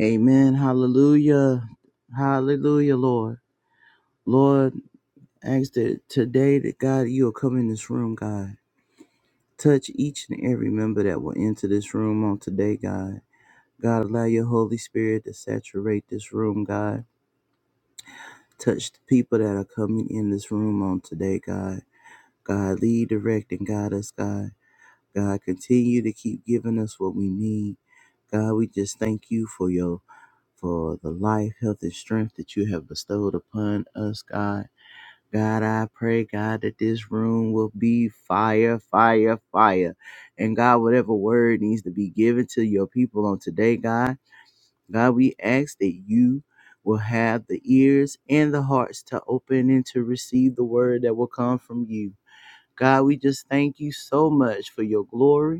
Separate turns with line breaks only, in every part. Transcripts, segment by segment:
Amen. Hallelujah. Hallelujah, Lord. Lord, ask that today that God, you'll come in this room, God. Touch each and every member that will enter this room on today, God. God, allow your Holy Spirit to saturate this room, God. Touch the people that are coming in this room on today, God. God, lead, direct, and guide us, God. God, continue to keep giving us what we need. God, we just thank you for your for the life, health, and strength that you have bestowed upon us, God. God, I pray, God, that this room will be fire, fire, fire. And God, whatever word needs to be given to your people on today, God, God, we ask that you will have the ears and the hearts to open and to receive the word that will come from you. God, we just thank you so much for your glory.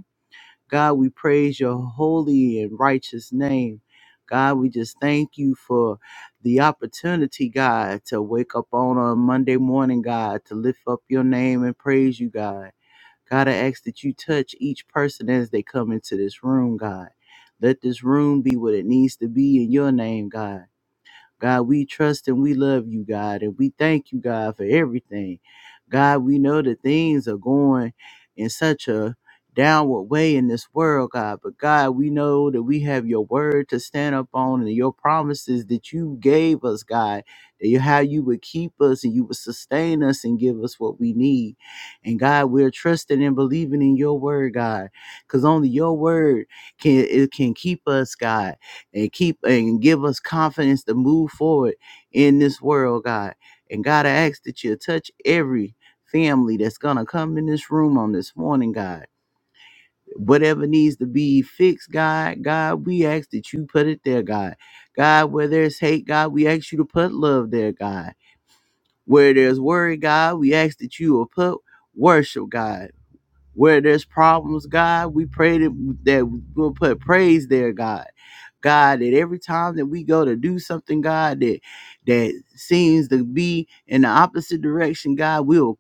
God, we praise your holy and righteous name. God, we just thank you for the opportunity, God, to wake up on a Monday morning, God, to lift up your name and praise you, God. God, I ask that you touch each person as they come into this room, God. Let this room be what it needs to be in your name, God. God, we trust and we love you, God, and we thank you, God, for everything. God, we know that things are going in such a downward way in this world, God, but God, we know that we have your word to stand up on and your promises that you gave us, God, that you, how you would keep us and you would sustain us and give us what we need. And God, we're trusting and believing in your word, God, because only your word can it can keep us, God and keep and give us confidence to move forward in this world, God. And God, I ask that you touch every family that's gonna come in this room on this morning, God. Whatever needs to be fixed, God, God, we ask that you put it there, God. God, where there's hate, God, we ask you to put love there, God. Where there's worry, God, we ask that you will put worship, God. Where there's problems, God, we pray that, that we'll put praise there, God God, that every time that we go to do something, God, that that seems to be in the opposite direction, God, we'll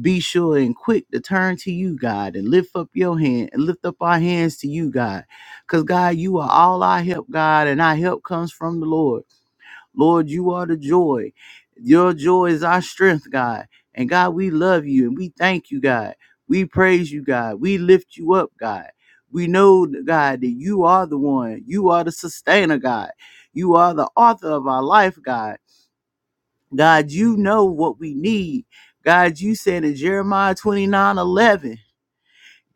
be sure and quick to turn to you, God, and lift up your hand and lift up our hands to you, God. Because God, you are all our help, God, and our help comes from the Lord. Lord, you are the joy. Your joy is our strength, God. And God, we love you and we thank you, God. We praise you, God. We lift you up, God. We know, God, that you are the one. You are the sustainer, God. You are the author of our life, God. God, you know what we need. God, you said in Jeremiah 29:11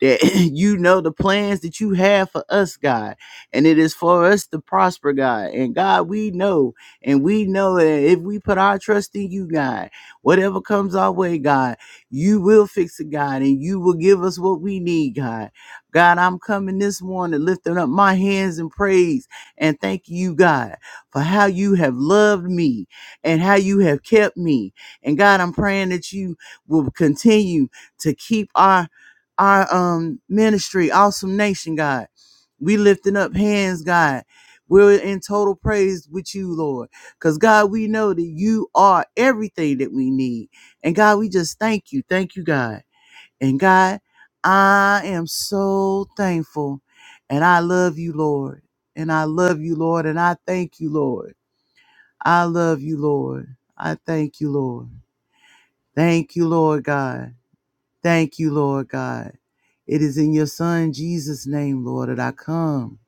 that you know the plans that you have for us, God, and it is for us to prosper, God. And God, we know, and we know that if we put our trust in you, God, whatever comes our way, God, you will fix it, God, and you will give us what we need, God. God, I'm coming this morning lifting up my hands in praise and thank you, God, for how you have loved me and how you have kept me. And God, I'm praying that you will continue to keep our our um ministry, Awesome Nation, God. We lifting up hands, God. We're in total praise with you, Lord. Because God, we know that you are everything that we need. And God, we just thank you. Thank you, God. And God, I am so thankful. And I love you, Lord. And I love you, Lord. And I thank you, Lord. I love you, Lord. I thank you, Lord. Thank you, Lord God. Thank you, Lord God. It is in your Son, Jesus' name, Lord, that I come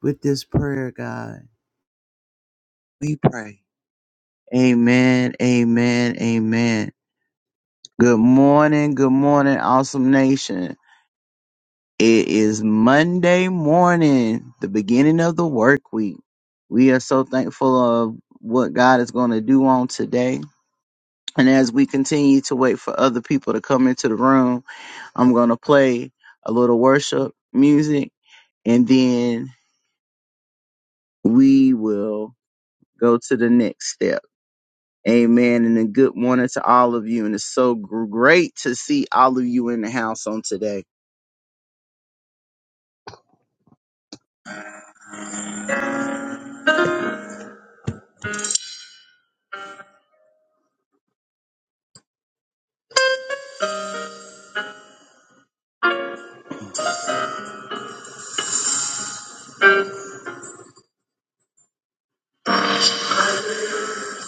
with this prayer, God. We pray. Amen, amen, amen. Good morning, good morning, awesome nation. It is Monday morning, the beginning of the work week. We are so thankful of what God is going to do on today. And as we continue to wait for other people to come into the room, I'm going to play a little worship music and then we will go to the next step. Amen. And a good morning to all of you. And it's so gr- great to see all of you in the house on today.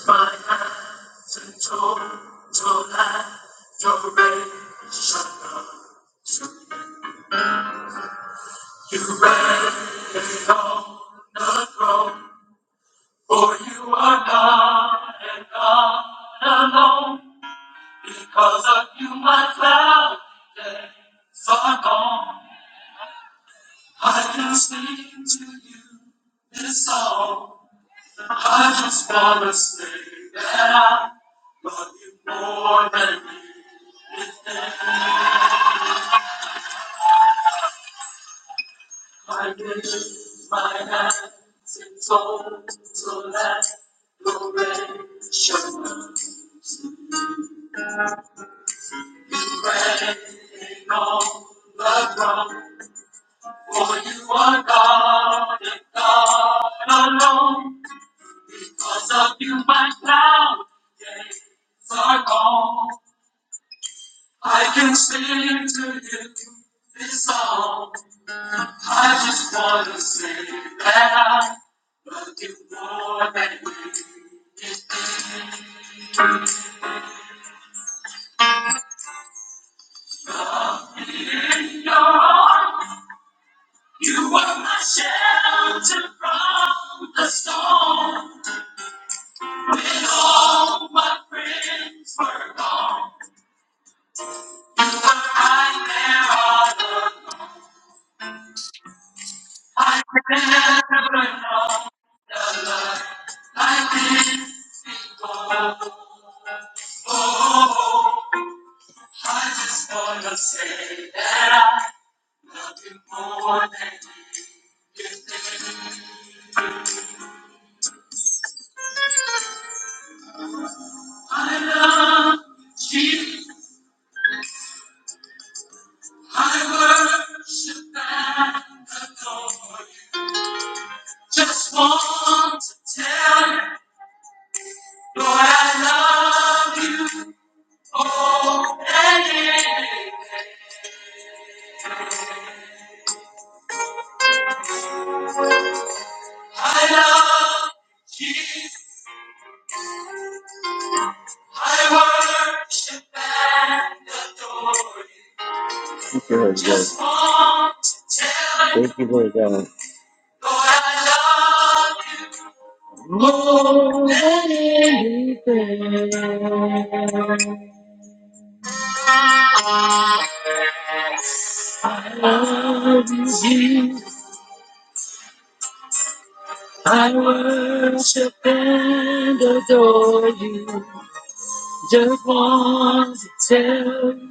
My eyes are told to You read on the throne. For you are God and God alone. Because of you, my cloud days are gone. I can sing to you this song. I just wanna say that I love you more than you. I lift my hands in total adoration. You reign on the ground. For you are God and God alone. Because of you, my cloud days are gone. I can sing to you this song. I just wanna say that I'm looking for that in your arms. You were my shelter from the storm. When all my friends were gone, you were right there all along. I never know the love like this before. Oh, I just wanna say that I love you more than I love you. I worship and adore you. Just want to tell you, Lord, I love you. Oh, yeah. yeah. I love Jesus. I worship and adore you. Just want to tell you, Thank Lord, I love you more than anything. I love you, Jesus. I worship and adore you. Just want to tell you.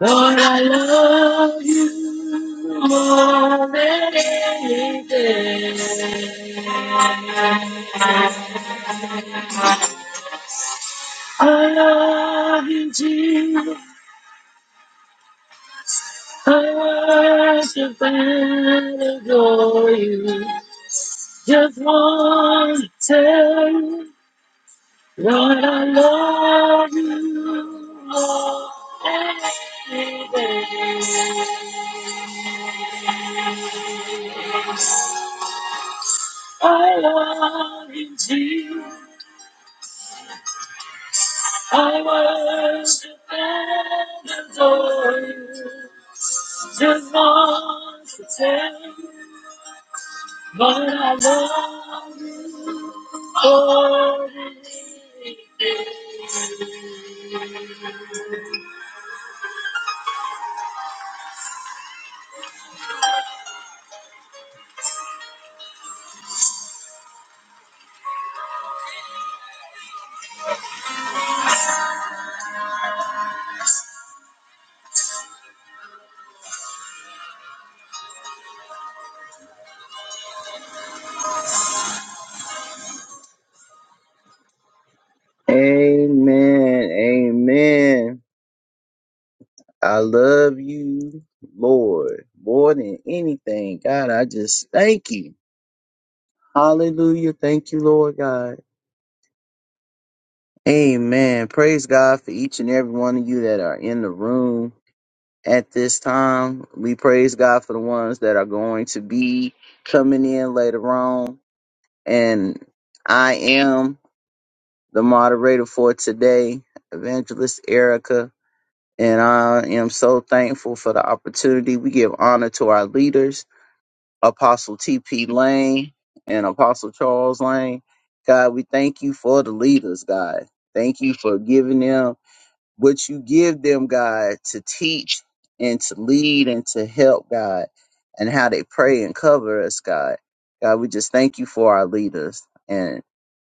Lord, I love you more than anything. I love you, Jesus. I worship and adore you. Just want to tell you, Lord, I love you, Jesus. I worship and adore you. Just want to tell you. Amen. Amen. I love you, Lord, more than anything. God, I just thank you. Hallelujah. Thank you, Lord God. Amen. Praise God for each and every one of you that are in the room at this time. We praise God for the ones that are going to be coming in later on. And I am. the moderator for today, Evangelist Erica. And I am so thankful for the opportunity. We give honor to our leaders, Apostle T.P. Lane and Apostle Charles Lane. God, we thank you for the leaders, God. Thank you for giving them what you give them, God, to teach and to lead and to help, God, and how they pray and cover us, God. God, we just thank you for our leaders. And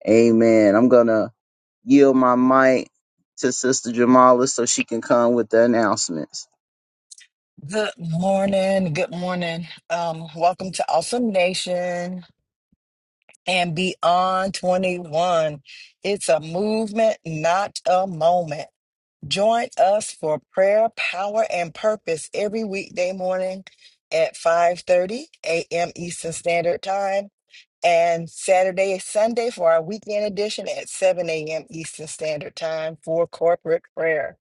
amen. I'm going to yield my mic to Sister Jamala so she can come with the announcements.
Good morning. Good morning. Um, welcome to Awesome Nation and Beyond 21. It's a movement, not a moment. Join us for prayer, power, and purpose every weekday morning at 5:30 a.m. Eastern Standard Time and Saturday and Sunday for our weekend edition at 7 a.m. Eastern Standard Time for corporate prayer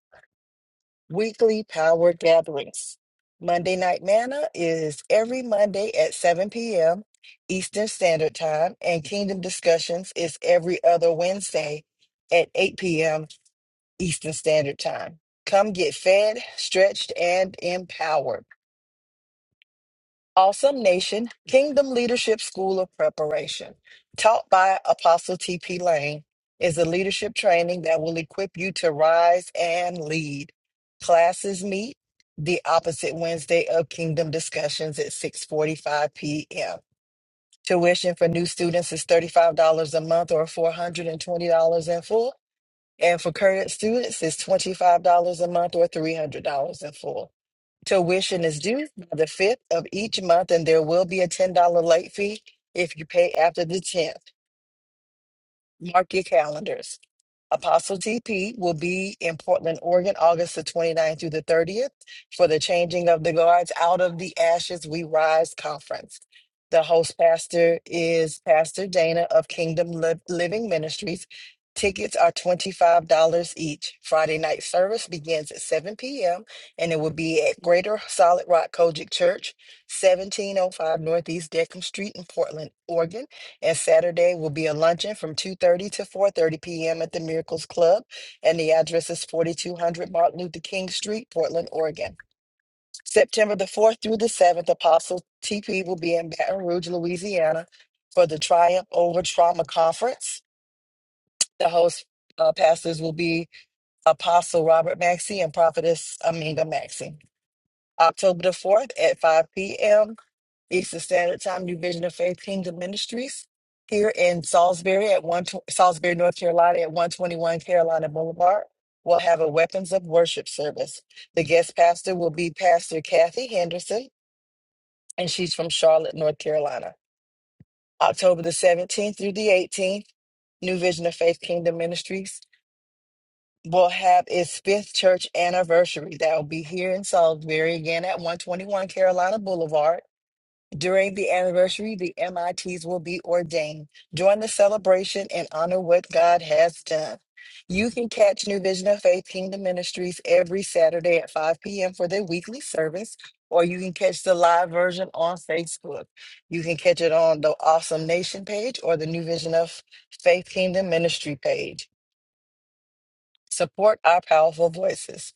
weekly power gatherings. Monday Night Manna is every Monday at 7 p.m. Eastern Standard Time, and Kingdom Discussions is every other Wednesday at 8 p.m. Eastern Standard Time. Come get fed, stretched, and empowered. Awesome Nation Kingdom Leadership School of Preparation, taught by Apostle T.P. Lane, is a leadership training that will equip you to rise and lead. Classes meet the opposite Wednesday of Kingdom Discussions at 6:45 p.m. Tuition for new students is $35 a month or $420 in full, and for current students is $25 a month or $300 in full. Tuition is due by the fifth of each month, and there will be a ten dollar late fee if you pay after the tenth. Mark your calendars. Apostle TP will be in Portland, Oregon, August the 29th through the 30th for the Changing of the Guards Out of the Ashes We Rise conference. The host pastor is Pastor Dana of Kingdom Liv- Living Ministries. Tickets are $25 each. Friday night service begins at 7 p.m. and it will be at Greater Solid Rock Kojic Church, 1705 Northeast Deckham Street in Portland, Oregon. And Saturday will be a luncheon from 2:30 to 4:30 p.m. at the Miracles Club, and the address is 4200 Martin Luther King Street, Portland, Oregon. September the 4th through the 7th, Apostle TP will be in Baton Rouge, Louisiana, for the Triumph Over Trauma Conference. The host uh, pastors will be Apostle Robert Maxey and Prophetess Aminga Maxey. October the 4th at 5 p.m. Eastern Standard Time, New Vision of Faith Kingdom Ministries here in Salisbury at one tw- Salisbury, North Carolina at 121 Carolina Boulevard. We'll have a Weapons of Worship service. The guest pastor will be Pastor Kathy Henderson, and she's from Charlotte, North Carolina. October the 17th through the 18th, New Vision of Faith Kingdom Ministries will have its fifth church anniversary. That will be here in Salisbury again at 121 Carolina Boulevard. During the anniversary, the MITs will be ordained. Join the celebration and honor what God has done. You can catch New Vision of Faith Kingdom Ministries every Saturday at 5 p.m. for their weekly service, or you can catch the live version on Facebook. You can catch it on the Awesome Nation page or the New Vision of Faith Kingdom Ministry page. Support our powerful voices.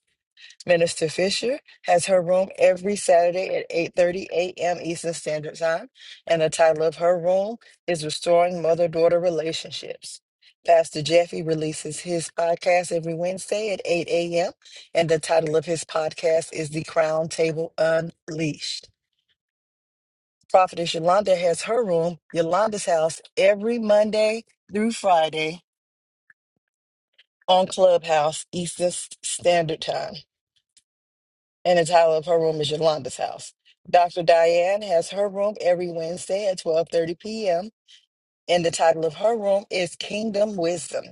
Minister Fisher has her room every Saturday at 8:30 a.m. Eastern Standard Time, and the title of her room is Restoring Mother-Daughter Relationships. Pastor Jeffy releases his podcast every Wednesday at 8 a.m., and the title of his podcast is The Crown Table Unleashed. Prophetess Yolanda has her room, Yolanda's House, every Monday through Friday on Clubhouse Eastern Standard Time. and the title of her room is Yolanda's House. Dr. Diane has her room every Wednesday at 12:30 p.m. and the title of her room is Kingdom Wisdom.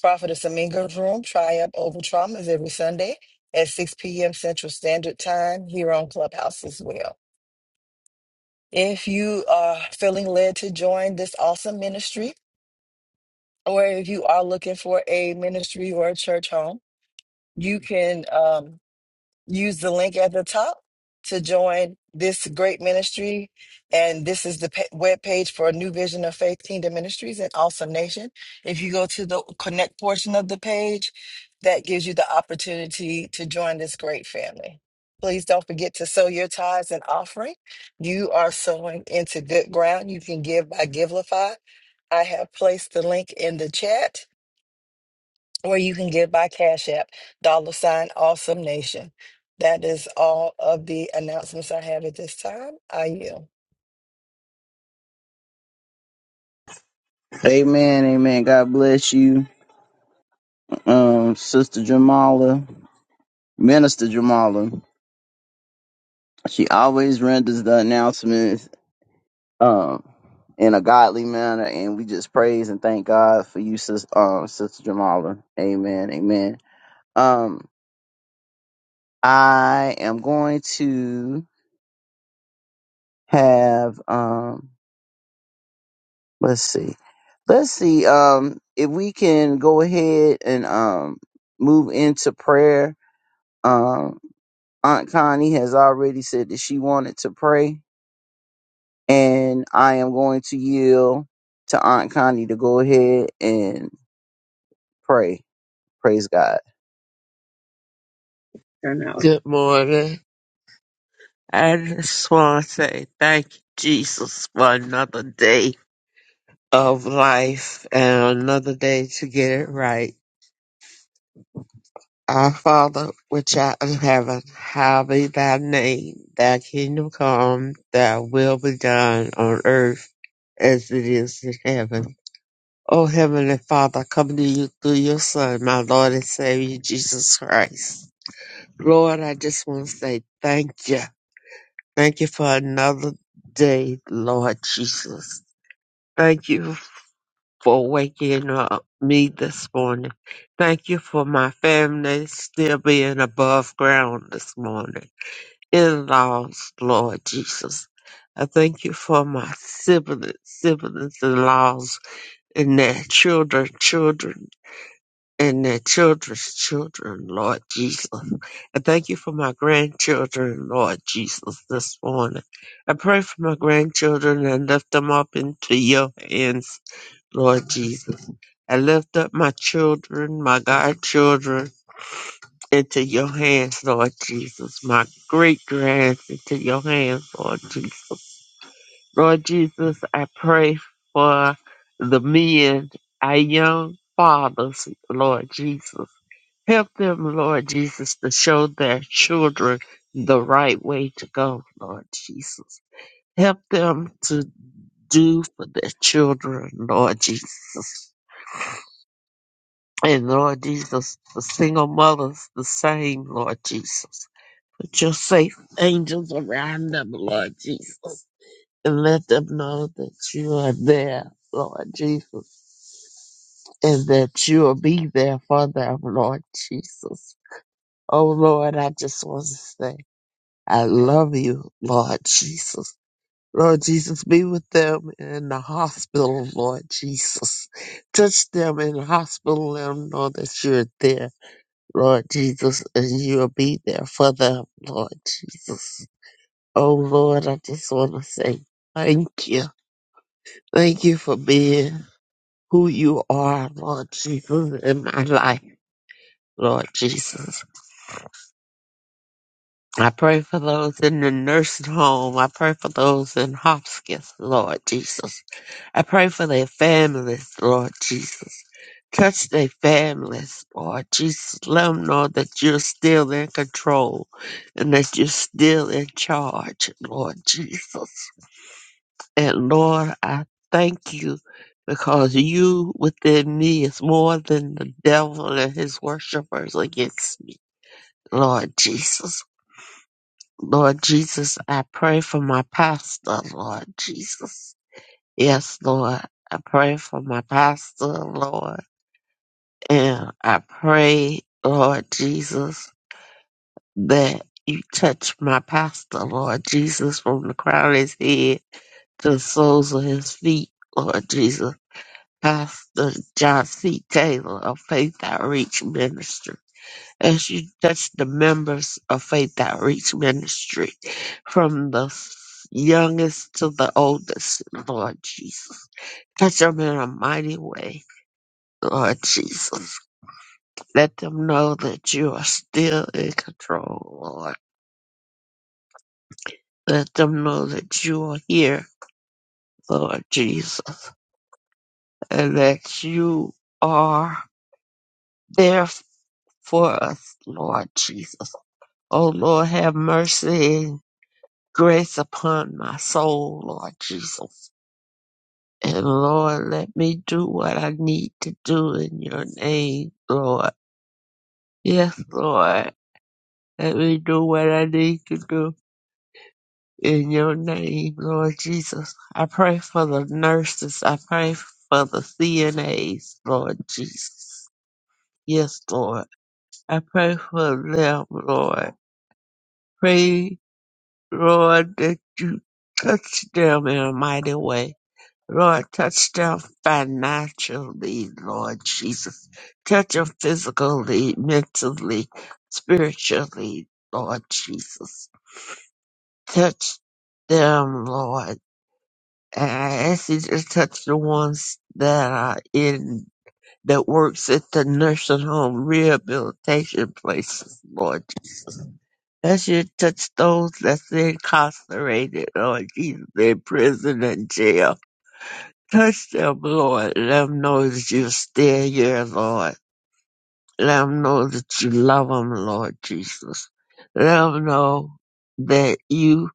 Prophetess Aminga's room, Triumph Over Trauma, is every Sunday at 6 p.m. Central Standard Time here on Clubhouse as well. If you are feeling led to join this awesome ministry, or if you are looking for a ministry or a church home, you can. um, use the link at the top to join this great ministry. And this is the pa- webpage for New Vision of Faith Kingdom Ministries and Awesome Nation. If you go to the connect portion of the page, that gives you the opportunity to join this great family. Please don't forget to sow your tithes and offering. You are sowing into good ground. You can give by Givelify. I have placed the link in the chat or you can give by Cash App, dollar sign awesome nation. That is all of the announcements I have at this time. I yield.
Amen. Amen. God bless you, um, Sister Jamala, Minister Jamala. She always renders the announcements um in a godly manner and we just praise and thank God for you sis um sister Jamala. Amen. Amen. Um I am going to have um let's see. Let's see um if we can go ahead and um move into prayer. Um Aunt Connie has already said that she wanted to pray and I am going to yield to Aunt Connie to go ahead and pray. Praise God.
Good morning. I just want to say thank you, Jesus, for another day of life and another day to get it right. Our Father, which art in heaven, hallowed be thy name. Thy kingdom come, thy will be done on earth as it is in heaven. O Heavenly Father, I come to you through your Son, my Lord and Savior, Jesus Christ. Lord, I just want to say thank you. Thank you for another day, Lord Jesus. Thank you for waking up me this morning. Thank you for my family still being above ground this morning. In laws, Lord Jesus. I thank you for my siblings, siblings in laws, and their children, children and their children's children, Lord Jesus. And thank you for my grandchildren, Lord Jesus, this morning. I pray for my grandchildren and lift them up into your hands, Lord Jesus. I lift up my children, my godchildren, into your hands, Lord Jesus. My great grands into your hands, Lord Jesus. Lord Jesus, I pray for the men, our young fathers, Lord Jesus. Help them, Lord Jesus, to show their children the right way to go, Lord Jesus. Help them to do for their children, Lord Jesus. And Lord Jesus, for single mothers, the same, Lord Jesus. Put your safe angels around them, Lord Jesus. And let them know that you are there, Lord Jesus. And that you will be there for them, Lord Jesus. Oh, Lord, I just want to say. I love you, Lord Jesus. Lord Jesus, be with them in the hospital, Lord Jesus. Touch them in the hospital, let them know that you're there, Lord Jesus, and you'll be there for them, Lord Jesus. Oh, Lord, I just want to say thank you. Thank you for being who you are, Lord Jesus, in my life, Lord Jesus. I pray for those in the nursing home. I pray for those in hospice, Lord Jesus. I pray for their families, Lord Jesus. Touch their families, Lord Jesus. Let them know that you're still in control and that you're still in charge, Lord Jesus. And Lord, I thank you because you within me is more than the devil and his worshipers against me, Lord Jesus. Lord Jesus, I pray for my pastor, Lord Jesus. Yes, Lord. I pray for my pastor, Lord. And I pray, Lord Jesus, that you touch my pastor, Lord Jesus, from the crown of his head to the soles of his feet, Lord Jesus. Pastor John C. Taylor of Faith Outreach Ministry. As you touch the members of Faith Outreach Ministry from the youngest to the oldest, Lord Jesus. Touch them in a mighty way Lord Jesus. Let them know that you are still in control, Lord. Let them know that you are here, Lord Jesus, and that you are there for us, Lord Jesus. Oh Lord, have mercy and grace upon my soul, Lord Jesus. And Lord, let me do what I need to do in your name, Lord. Yes, Lord. Let me do what I need to do. in your name, Lord Jesus. I pray for the nurses. I pray for the CNAs, Lord Jesus. Yes, Lord. I pray for them, Lord. Pray, Lord, that you touch them in a mighty way. Lord, touch them financially, Lord Jesus. Touch them physically, mentally, spiritually, Lord Jesus. Touch them, Lord. I ask you to touch the ones that are in that works at the nursing home rehabilitation places, Lord. Ask you to touch those that's incarcerated, Lord Jesus, in prison and jail. Touch them, Lord. Let them know that you're still here, Lord. Let them know that you love them, Lord Jesus. Let them know that you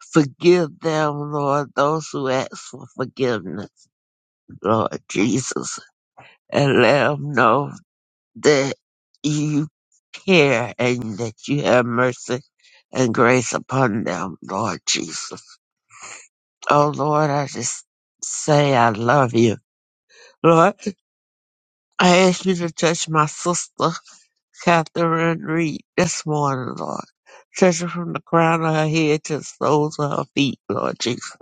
forgive them, Lord, those who ask for forgiveness, Lord Jesus. and let them know that you care and that you have mercy and grace upon them, Lord Jesus. Oh Lord, I just say I love you. Lord, I ask you to touch my sister, Catherine Reed, this morning, Lord. Touch her from the crown of her head to the soles of her feet, Lord Jesus.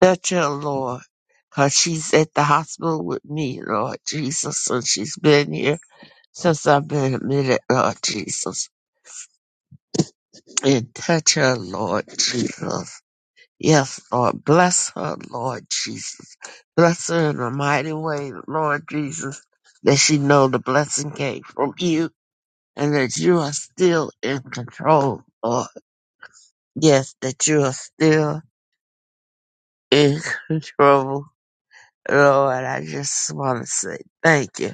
Touch her, Lord, 'cause she's at the hospital with me, Lord Jesus, and she's been here since I've been admitted, Lord Jesus. And touch her, Lord Jesus. Yes, Lord. Bless her, Lord Jesus. Bless her in a mighty way, Lord Jesus, that she know the blessing came from you and that you are still in control, Lord. Yes, that you are still in control Lord, I just want to say thank you.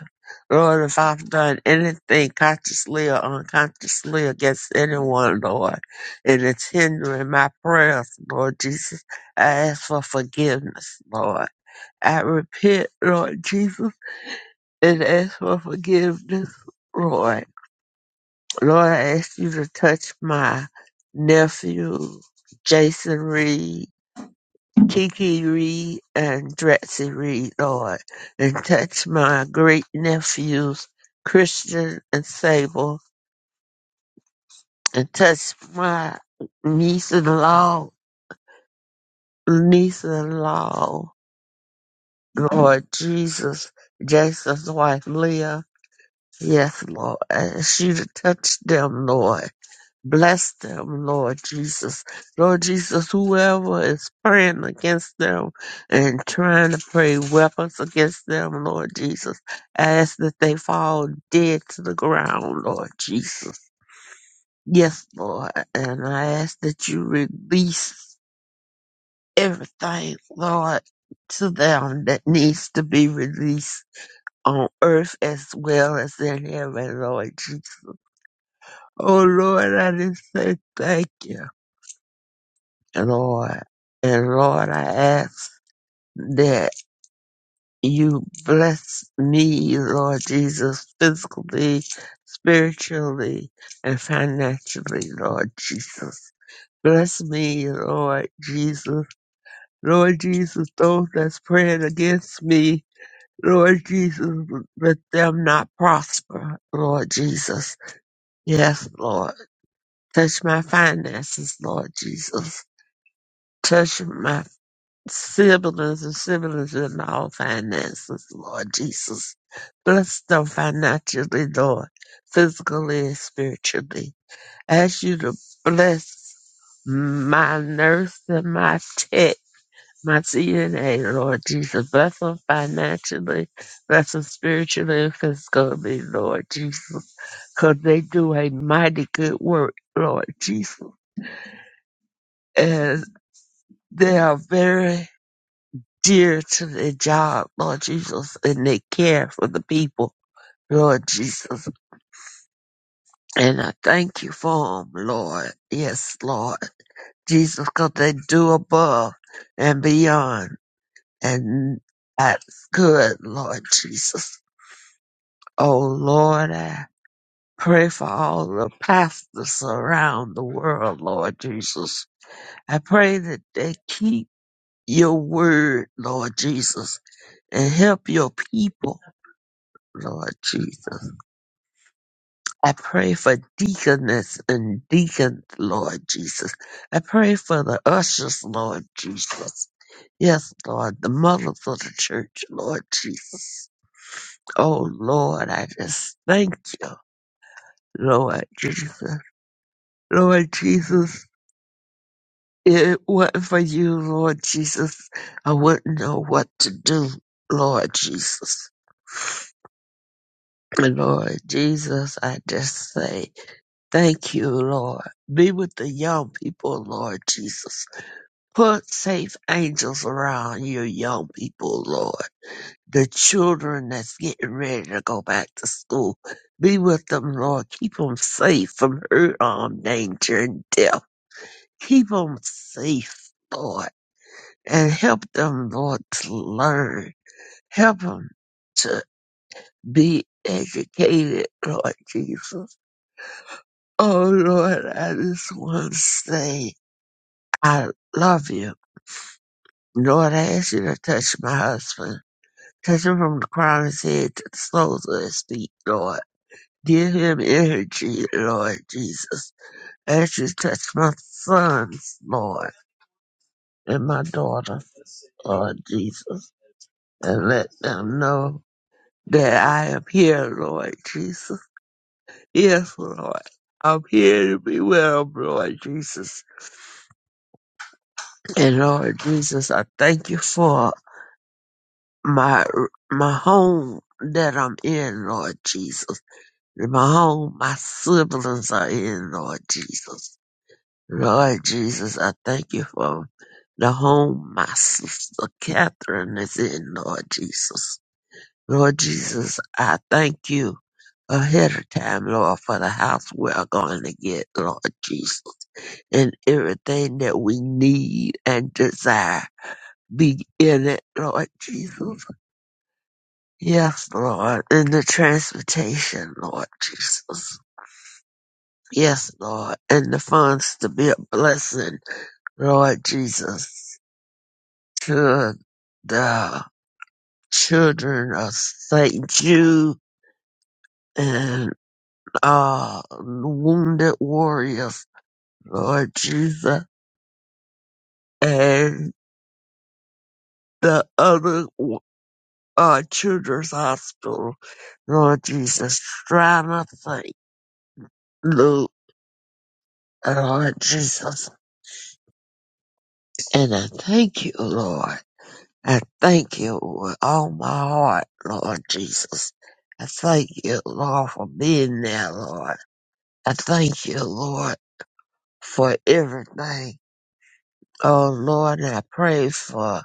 Lord, if I've done anything consciously or unconsciously against anyone, Lord, and it's hindering my prayers, Lord Jesus, I ask for forgiveness, Lord. I repent, Lord Jesus, and ask for forgiveness, Lord. Lord, I ask you to touch my nephew, Jason Reed, Kiki Reed and Drexy Reed, Lord, and touch my great nephews, Christian and Sable, and touch my niece in law, niece in law, Lord Jesus, Jason's wife Leah. Yes, Lord, and she to touch them, Lord. Bless them, Lord Jesus. Lord Jesus, whoever is praying against them and trying to pray weapons against them, Lord Jesus, I ask that they fall dead to the ground, Lord Jesus. Yes, Lord. And I ask that you release everything, Lord, to them that needs to be released on earth as well as in heaven, Lord Jesus. Oh, Lord, I just say thank you. Lord. And Lord, I ask that you bless me, Lord Jesus, physically, spiritually, and financially, Lord Jesus. Bless me, Lord Jesus. Lord Jesus, those that's praying against me, Lord Jesus, let them not prosper, Lord Jesus. Yes, Lord. Touch my finances, Lord Jesus. Touch my siblings and siblings in all finances, Lord Jesus. Bless them financially, Lord, physically and spiritually. Ask you to bless my nurse and my tech, my CNA, Lord Jesus. Bless them financially, bless them spiritually and physically, Lord Jesus. Because they do a mighty good work, Lord Jesus. And they are very dear to their job, Lord Jesus, and they care for the people, Lord Jesus. And I thank you for them, Lord. Yes, Lord Jesus, because they do above and beyond. And that's good, Lord Jesus. Oh, Lord, I pray for all the pastors around the world, Lord Jesus. I pray that they keep your word, Lord Jesus, and help your people, Lord Jesus. I pray for deaconess and deacon, Lord Jesus. I pray for the ushers, Lord Jesus. Yes, Lord, the mothers of the church, Lord Jesus. Oh, Lord, I just thank you, Lord Jesus. Lord Jesus, if it wasn't for you, Lord Jesus, I wouldn't know what to do, Lord Jesus. Lord Jesus, I just say thank you, Lord. Be with the young people, Lord Jesus. Put safe angels around your young people, Lord. The children that's getting ready to go back to school. Be with them, Lord. Keep them safe from hurt, harm, danger, and death. Keep them safe, Lord. And help them, Lord, to learn. Help them to be educated, Lord Jesus Oh Lord, I just want to say I love you. Lord, I ask you to touch my husband. Touch him from the crown of his head to the soles of his feet, Lord. Give him energy, Lord Jesus. I ask you to touch my sons, Lord, and my daughter, Lord Jesus. And let them know that I am here, Lord Jesus. Yes, Lord. I'm here to be well, Lord Jesus. And Lord Jesus, I thank you for my my home that I'm in, Lord Jesus. My home, my siblings are in, Lord Jesus. Lord Jesus, I thank you for the home my sister Catherine is in, Lord Jesus. Lord Jesus, I thank you ahead of time, Lord, for the house we're going to get, Lord Jesus, and everything that we need and desire be in it, Lord Jesus. Yes, Lord. In the transportation, Lord Jesus. Yes, Lord. And the funds to be a blessing, Lord Jesus, to the children of St. Jude and uh, wounded warriors, Lord Jesus, and the other uh, children's hospital, Lord Jesus, trying to think. Oh, Lord Jesus. And I thank you, Lord. I thank you with all my heart, Lord Jesus. I thank you, Lord, for being there, Lord. I thank you, Lord, for everything. Oh, Lord, and I pray for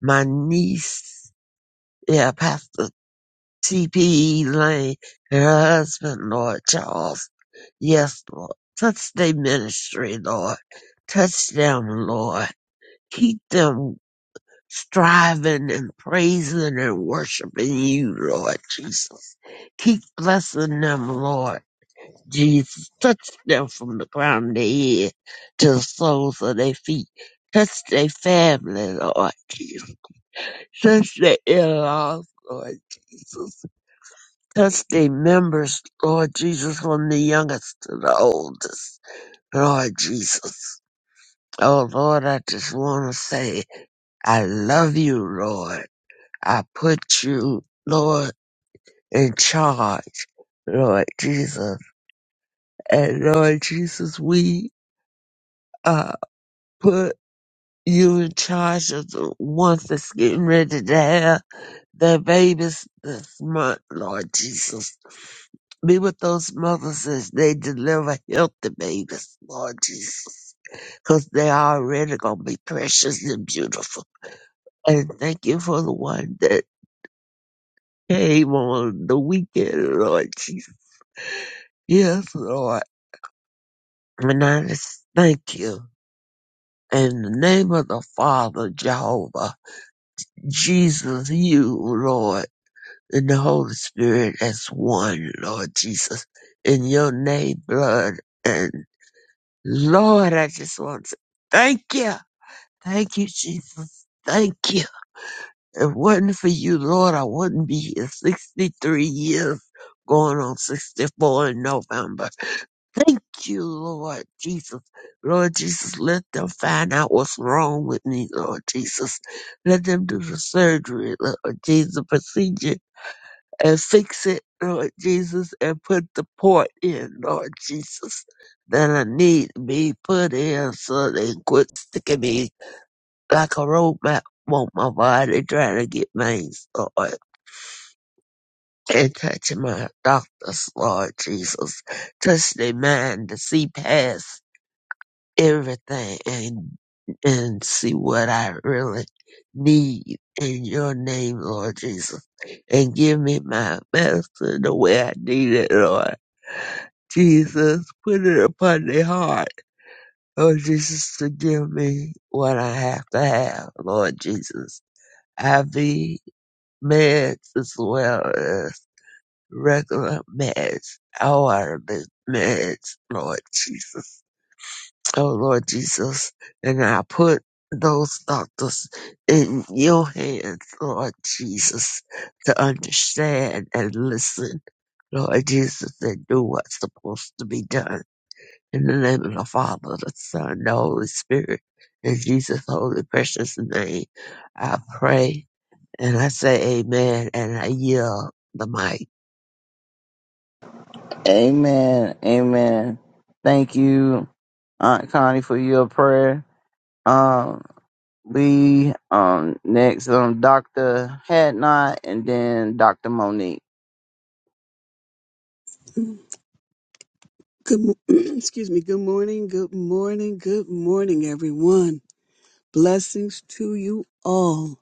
my niece, yeah, Pastor TPE Lane, and her husband, Lord Charles. Yes, Lord. Touch their ministry, Lord. Touch them, Lord. Keep them striving and praising and worshiping you, Lord Jesus. Keep blessing them, Lord Jesus. Touch them from the crown of their head to the soles of their feet. Touch their family, Lord Jesus. Touch their in-laws, Lord Jesus. Touch their members, Lord Jesus, from the youngest to the oldest, Lord Jesus. Oh Lord, I just want to say, I love you, Lord. I put you, Lord, in charge, Lord Jesus. And Lord Jesus, we uh, put you in charge of the ones that's getting ready to have their babies this month, Lord Jesus. Be with those mothers as they deliver healthy babies, Lord Jesus. Because they already going to be precious and beautiful. And thank you for the one that came on the weekend, Lord Jesus. Yes, Lord. And I just thank you. In the name of the Father, Jehovah, Jesus, you, Lord, and the Holy Spirit as one, Lord Jesus, in your name, blood. And Lord, I just want to thank you. Thank you, Jesus. Thank you. If it wasn't for you, Lord, I wouldn't be here 63 years, going on 64 in November. Thank you, Lord Jesus. Lord Jesus, let them find out what's wrong with me, Lord Jesus. Let them do the surgery, Lord Jesus, procedure, and fix it, Lord Jesus, and put the port in, Lord Jesus, that I need to be put in so they can quit sticking me like a roadmap on my body trying to get veins, Lord. And touching my doctors, Lord Jesus. Touch their mind to see past everything and and see what I really need in your name, Lord Jesus. And give me my medicine the way I need it, Lord. Jesus, put it upon their heart, Lord Jesus, to give me what I have to have, Lord Jesus. IV meds as well as regular meds, all of the meds, Lord Jesus. Oh Lord Jesus, and I put those doctors in your hands, Lord Jesus, to understand and listen, Lord Jesus, and do what's supposed to be done. In the name of the Father, the Son, the Holy Spirit, in Jesus' holy precious name, I pray and I say amen and I yield the mic.
Amen. Amen. Thank you, Aunt Connie, for your prayer. Um, we um next um Doctor Hadnot and then Doctor Monique.
Good, mo- excuse me. Good morning. Good morning. Good morning, everyone. Blessings to you all.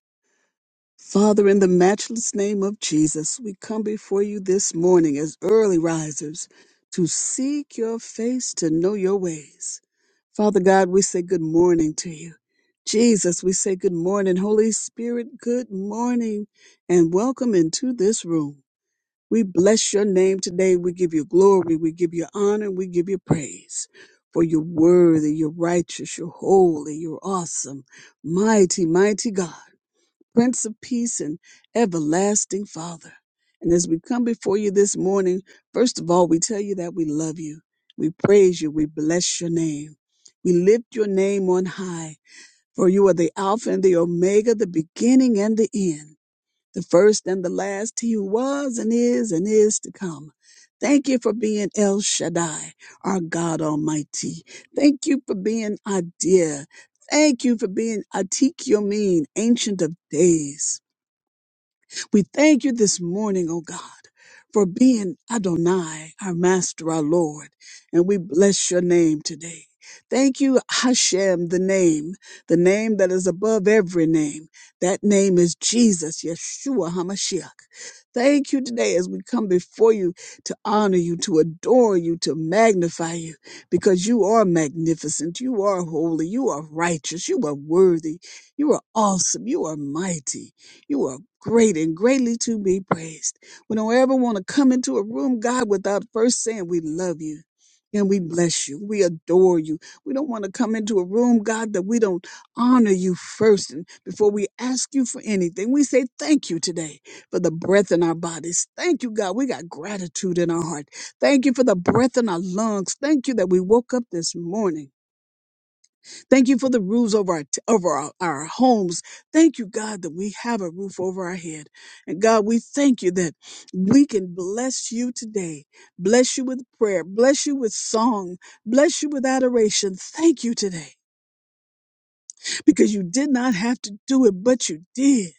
Father, in the matchless name of Jesus, we come before you this morning as early risers to seek your face, to know your ways. Father God, we say good morning to you. Jesus, we say good morning. Holy Spirit, good morning and welcome into this room. We bless your name today. We give you glory. We give you honor. We give you praise. For you're worthy, you're righteous, you're holy, you're awesome. Mighty, mighty God, Prince of Peace and everlasting Father. And as we come before you this morning, first of all, we tell you that we love you. We praise you. We bless your name. We lift your name on high, for you are the Alpha and the Omega, the beginning and the end the first and the last, he who was and is and is to come. Thank you for being El Shaddai, our God Almighty. Thank you for being Adir. Thank you for being Atik Yomin, Ancient of Days. We thank you this morning, O God, for being Adonai, our Master, our Lord, and we bless your name today. Thank you, Hashem, the name, the name that is above every name. That name is Jesus, Yeshua HaMashiach. Thank you today as we come before you to honor you, to adore you, to magnify you, because you are magnificent, you are holy, you are righteous, you are worthy, you are awesome, you are mighty. You are great and greatly to be praised. We don't ever want to come into a room, God, without first saying we love you and we bless you. We adore you. We don't want to come into a room, God, that we don't honor you first and before we ask you for anything. We say thank you today for the breath in our bodies. Thank you, God. We got gratitude in our heart. Thank you for the breath in our lungs. Thank you that we woke up this morning. Thank you for the roofs over our, over our, our homes. Thank you, God, that we have a roof over our head. And God, we thank you that we can bless you today. Bless you with prayer. Bless you with song. Bless you with adoration. Thank you today because you did not have to do it, but you did.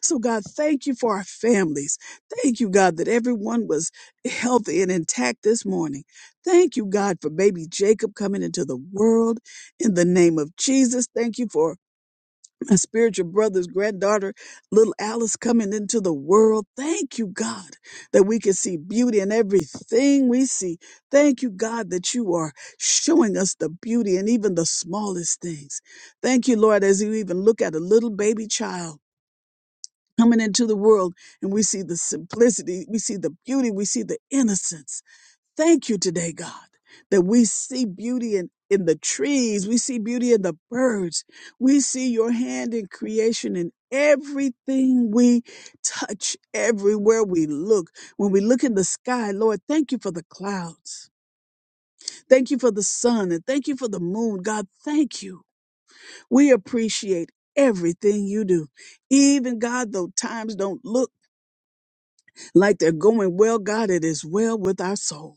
So God, thank you for our families. Thank you, God, that everyone was healthy and intact this morning. Thank you, God, for baby Jacob coming into the world in the name of Jesus. Thank you for my spiritual brother's granddaughter, little Alice, coming into the world. Thank you, God, that we can see beauty in everything we see. Thank you, God, that you are showing us the beauty in even the smallest things. Thank you, Lord, as you even look at a little baby child coming into the world and we see the simplicity, we see the beauty, we see the innocence. Thank you today, God, that we see beauty in, in the trees. We see beauty in the birds. We see your hand in creation in everything we touch, everywhere we look. When we look in the sky, Lord, thank you for the clouds. Thank you for the sun and thank you for the moon. God, thank you. We appreciate everything you do. Even God, though times don't look like they're going well, God, it is well with our soul.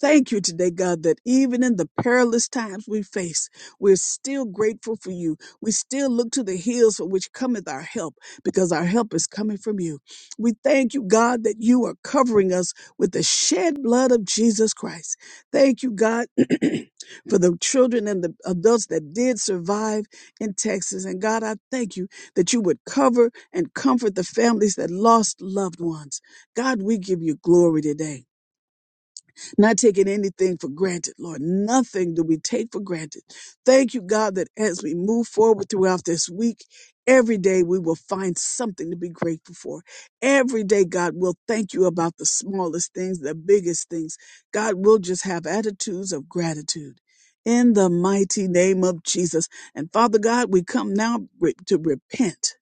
Thank you today, God, that even in the perilous times we face, we're still grateful for you. We still look to the hills for which cometh our help, because our help is coming from you. We thank you, God, that you are covering us with the shed blood of Jesus Christ. Thank you, God, for the children and the adults that did survive in Texas. And God, I thank you that you would cover and comfort the families that lost loved ones. God, we give you glory today. Not taking anything for granted, Lord. Nothing do we take for granted. Thank you, God, that as we move forward throughout this week, every day we will find something to be grateful for. Every day, God, we'll thank you about the smallest things, the biggest things. God, we'll just have attitudes of gratitude. In the mighty name of Jesus. And Father God, we come now re- to repent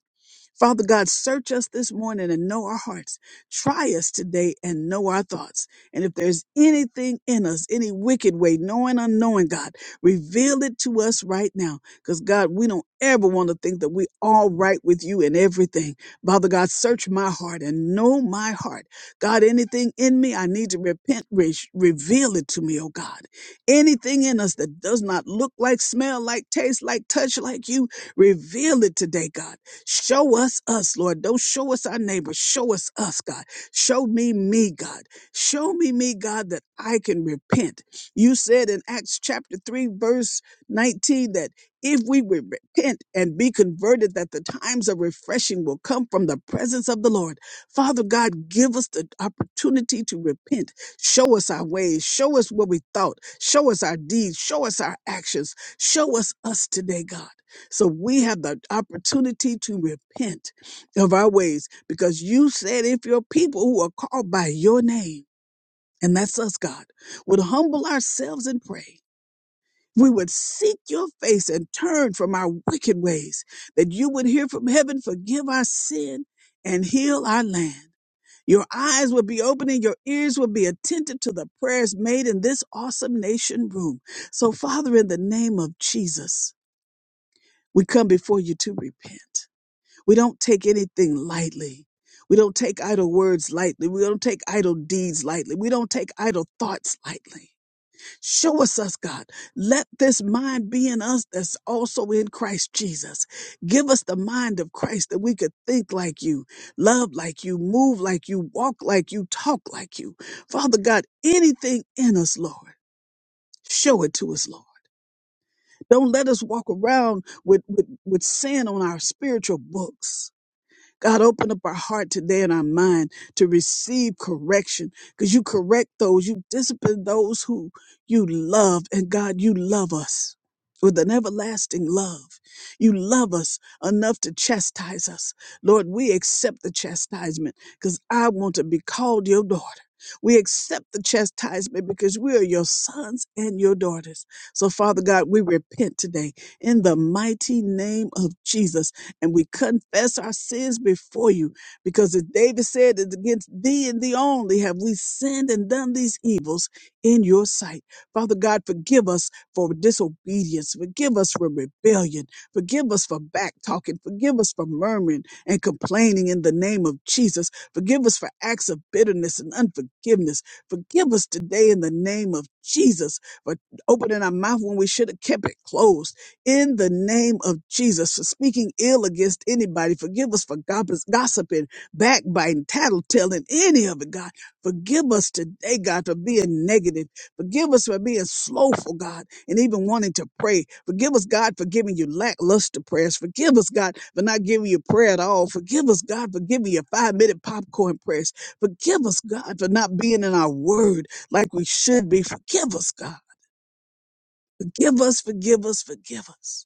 Father God, search us this morning and know our hearts. Try us today and know our thoughts. And if there's anything in us, any wicked way, knowing, unknowing, God, reveal it to us right now. Because God, we don't ever want to think that we all right with you in everything. Father God, search my heart and know my heart. God, anything in me I need to repent, re- reveal it to me, oh God. Anything in us that does not look like, smell like, taste like, touch like you, reveal it today, God. Show us us, Lord. Don't show us our neighbor. Show us us, God. Show me me, God. Show me me, God, that I can repent. You said in Acts chapter 3, verse 19, that if we would repent and be converted, that the times of refreshing will come from the presence of the Lord. Father God, give us the opportunity to repent. Show us our ways. Show us what we thought. Show us our deeds. Show us our actions. Show us us today, God. So we have the opportunity to repent of our ways because you said if your people who are called by your name, and that's us, God, would humble ourselves and pray, we would seek your face and turn from our wicked ways, that you would hear from heaven, forgive our sin, and heal our land. Your eyes would be open and your ears would be attentive to the prayers made in this awesome nation room. So, Father, in the name of Jesus, we come before you to repent. We don't take anything lightly. We don't take idle words lightly. We don't take idle deeds lightly. We don't take idle thoughts lightly. Show us us, God. Let this mind be in us that's also in Christ Jesus. Give us the mind of Christ that we could think like you, love like you, move like you, walk like you, talk like you. Father God, anything in us, Lord, show it to us, Lord. Don't let us walk around with, with, with sin on our spiritual books God, open up our heart today and our mind to receive correction because you correct those, you discipline those who you love. And God, you love us with an everlasting love. You love us enough to chastise us. Lord, we accept the chastisement because I want to be called your daughter. We accept the chastisement because we are your sons and your daughters. So, Father God, we repent today in the mighty name of Jesus and we confess our sins before you. Because as David said, "It's against thee and thee only have we sinned and done these evils in your sight. Father God, forgive us for disobedience. Forgive us for rebellion. Forgive us for back talking. Forgive us for murmuring and complaining in the name of Jesus. Forgive us for acts of bitterness and unforgiveness. Forgive us today in the name of Jesus for opening our mouth when we should have kept it closed in the name of Jesus, for speaking ill against anybody. Forgive us for gop- gossiping, backbiting, tattletelling, any of it, God. Forgive us today, God, for being negative. Forgive us for being slowful, God, and even wanting to pray. Forgive us, God, for giving you lackluster prayers. Forgive us, God, for not giving you prayer at all. Forgive us, God, for giving you five minute popcorn prayers. Forgive us, God, for not being in our word like we should be. Forgive us, God. Forgive us, forgive us, forgive us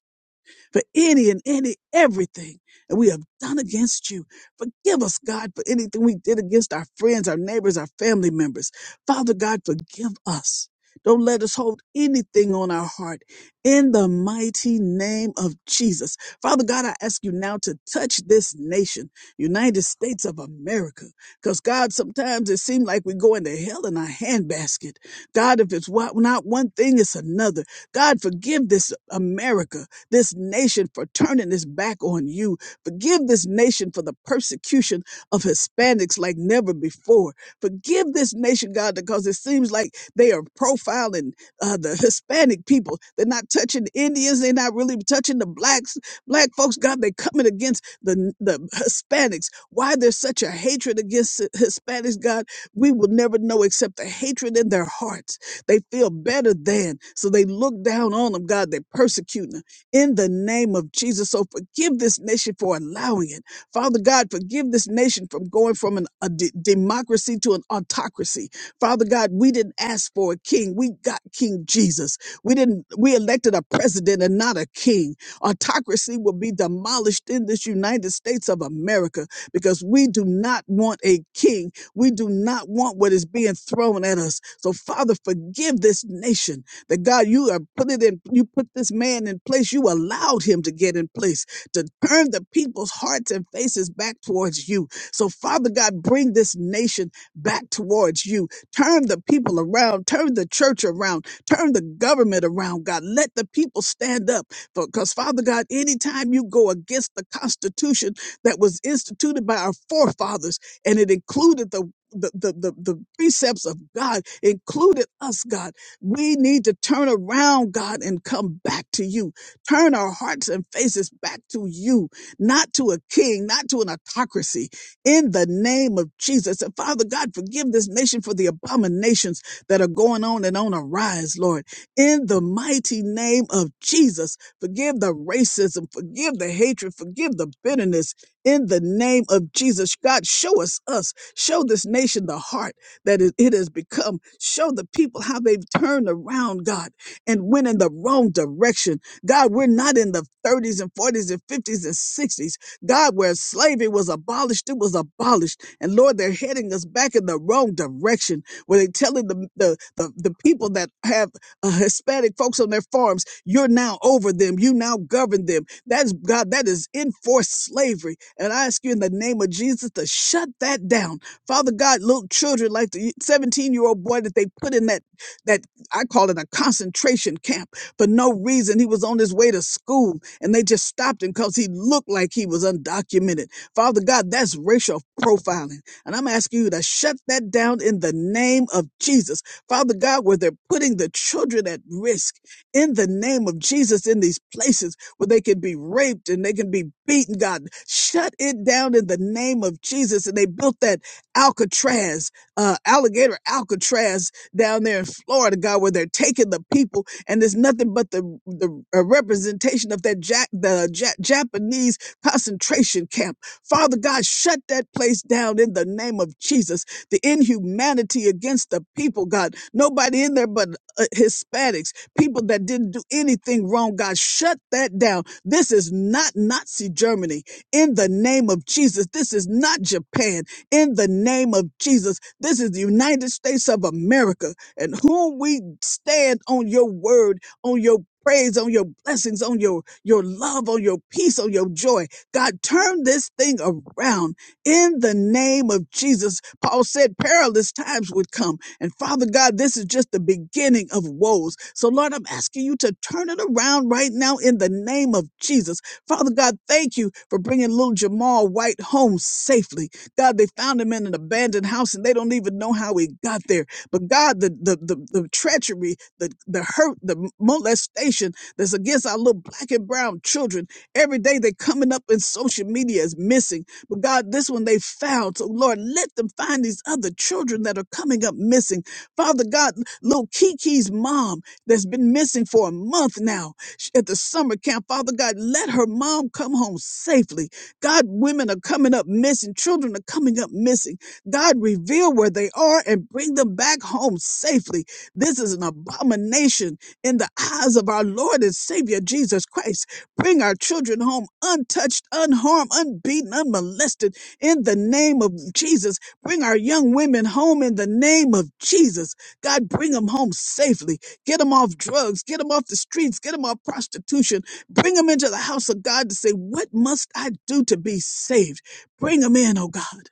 for any and any everything that we have done against you. Forgive us, God, for anything we did against our friends, our neighbors, our family members. Father God, forgive us. Don't let us hold anything on our heart in the mighty name of Jesus. Father God, I ask you now to touch this nation, United States of America. Because, God, sometimes it seems like we go into hell in a handbasket. God, if it's wa- not one thing, it's another. God, forgive this America this nation for turning its back on you. Forgive this nation for the persecution of Hispanics like never before. Forgive this nation, God, because it seems like they are profiling uh, the Hispanic people. They're not touching Indians. They're not really touching the blacks, black folks. God, they're coming against the the Hispanics. Why there's such a hatred against Hispanics, God, we will never know except the hatred in their hearts. They feel better than, so they look down on them. God, they persecuting. them in the name of Jesus. So forgive this nation for allowing it. Father God, forgive this nation from going from an, a de- democracy to an autocracy. Father God, we didn't ask for a king. We got King Jesus. We didn't, we elected a president and not a king. Autocracy will be demolished in this United States of America because we do not want a king. We do not want what is being thrown at us. So Father, forgive this nation that God, you have put it in, you put this man in place. You allowed him to get in place to turn the people's hearts and faces back towards you. So, Father God, bring this nation back towards you. Turn the people around, turn the church around, turn the government around, God. Let the people stand up. Because, Father God, anytime you go against the Constitution that was instituted by our forefathers, and it included the the, the, the, the precepts of God included us, God. We need to turn around, God, and come back to you. Turn our hearts and faces back to you, not to a king, not to an autocracy. In the name of Jesus. And Father God, forgive this nation for the abominations that are going on and on arise, Lord. In the mighty name of Jesus, forgive the racism, forgive the hatred, forgive the bitterness. In the name of Jesus, God, show us us, show this nation the heart that it it has become. Show the people how they've turned around, God, and went in the wrong direction. God, we're not in the 30s and 40s and 50s and 60s. God, where slavery was abolished, it was abolished. And Lord, they're heading us back in the wrong direction where they're telling the, the, the, the people that have uh, Hispanic folks on their farms, you're now over them, you now govern them. That's God, that is enforced slavery. And I ask you in the name of Jesus to shut that down Father God, little children like the 17 year old boy that they put in that, that I call it a concentration camp for no reason. He was on his way to school and they just stopped him because he looked like he was undocumented. Father God, that's racial profiling. And I'm asking you to shut that down in the name of Jesus. Father God, where they're putting the children at risk in the name of Jesus in these places where they can be raped and they can be beaten, God, shut it down in the name of Jesus. And they built that Alcatraz, uh, alligator Alcatraz down there in Florida, God, where they're taking the people, and there's nothing but the the uh, representation of that ja- the ja- Japanese concentration camp. Father God, shut that place down in the name of Jesus. The inhumanity against the people, God, nobody in there but uh, Hispanics, people that didn't do anything wrong, God, shut that down. This is not Nazi Germany in the name of Jesus. This is not Japan in the name of Jesus. This is the United States of America, and whom we stand on your word, on your praise, on your blessings, on your, your love, on your peace, on your joy. God, turn this thing around in the name of Jesus. Paul said perilous times would come. And Father God, this is just the beginning of woes. So, Lord, I'm asking you to turn it around right now in the name of Jesus. Father God, thank you for bringing little Jamal White home safely. God, they found him in an abandoned house and they don't even know how he got there. But God, the the the, the treachery, the the hurt, the molestation that's against our little black and brown children. Every day they day—they're coming up in social media as missing. But God, this one they found. So Lord, let them find these other children that are coming up missing. Father God, little Kiki's mom that's been missing for a month now sh- at the summer camp. Father God, let her mom come home safely. God, women are coming up missing. Children are coming up missing. God, reveal where they are and bring them back home safely. This is an abomination in the eyes of our Lord and Savior Jesus Christ. Bring our children home untouched, unharmed, unbeaten, unmolested in the name of Jesus. Bring our young women home in the name of Jesus. God, bring them home safely. Get them off drugs. Get them off the streets. Get them off prostitution Bring them into the house of God to say, What must I do to be saved? Bring them in, oh God.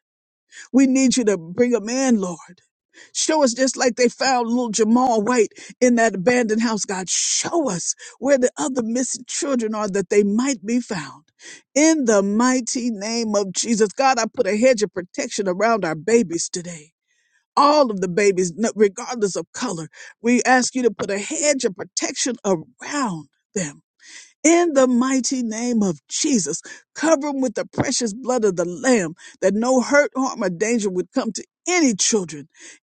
We need you to bring them in, Lord. Show us just like they found little Jamal White in that abandoned house, God. Show us where the other missing children are that they might be found. In the mighty name of Jesus, God, I put a hedge of protection around our babies today. All of the babies, no- regardless of color, we ask you to put a hedge of protection around them in the mighty name of Jesus, cover them with the precious blood of the Lamb, that no hurt, harm, or danger would come to any children,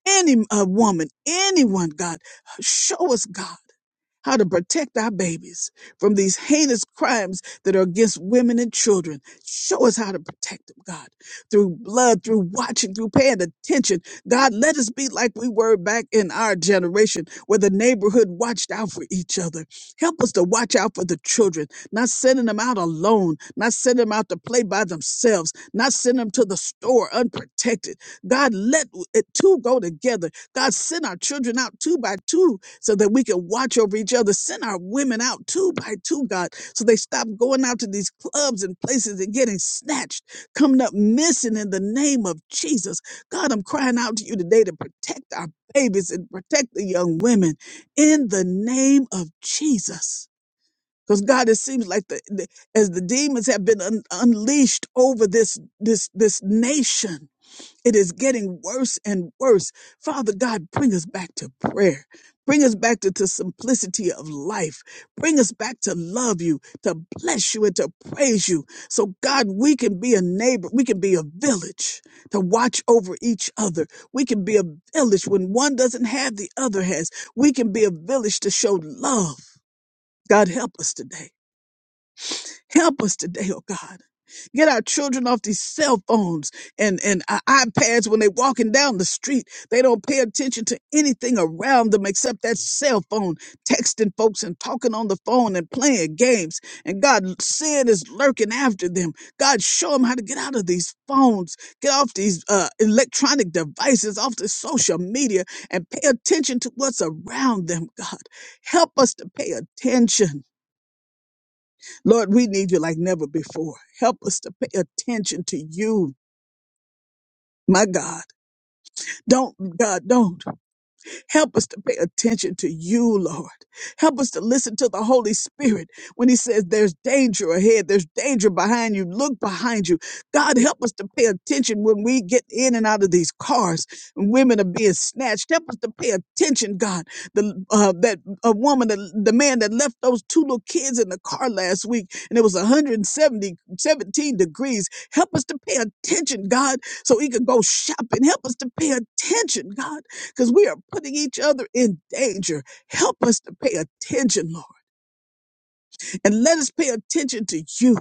any uh, woman, anyone, God. Show us, God how to protect our babies from these heinous crimes that are against women and children. Show us how to protect them, God, through blood, through watching, through paying attention. God, let us be like we were back in our generation where the neighborhood watched out for each other. Help us to watch out for the children, not sending them out alone, not sending them out to play by themselves, not sending them to the store unprotected. God, let it two go together. God, send our children out two by two so that we can watch over each other. Send our women out two by two, God, so they stop going out to these clubs and places and getting snatched, coming up missing in the name of Jesus. God, I'm crying out to you today to protect our babies and protect the young women in the name of Jesus. Because God, it seems like the, the as the demons have been un- unleashed over this this this nation, it is getting worse and worse. Father God, bring us back to prayer. Bring us back to the simplicity of life. Bring us back to love you, to bless you, and to praise you. So, God, we can be a neighbor. We can be a village to watch over each other. We can be a village when one doesn't have, the other has. We can be a village to show love. God, help us today. Help us today, oh God. Get our children off these cell phones and, and i- iPads when they're walking down the street. They don't pay attention to anything around them except that cell phone, texting folks and talking on the phone and playing games. And God, sin is lurking after them. God, show them how to get out of these phones, get off these uh, electronic devices, off the social media, and pay attention to what's around them, God. Help us to pay attention. Lord, we need you like never before. Help us to pay attention to you, my God. Don't, God, don't. Help us to pay attention to you, Lord. Help us to listen to the Holy Spirit when He says there's danger ahead, there's danger behind you. Look behind you. God, help us to pay attention when we get in and out of these cars and women are being snatched. Help us to pay attention, God. The uh, that a woman, that, the man that left those two little kids in the car last week, and it was 170, 17 degrees. Help us to pay attention, God, so He could go shopping. Help us to pay attention, God because we are putting each other in danger. Help us to pay attention, Lord, and let us pay attention to you.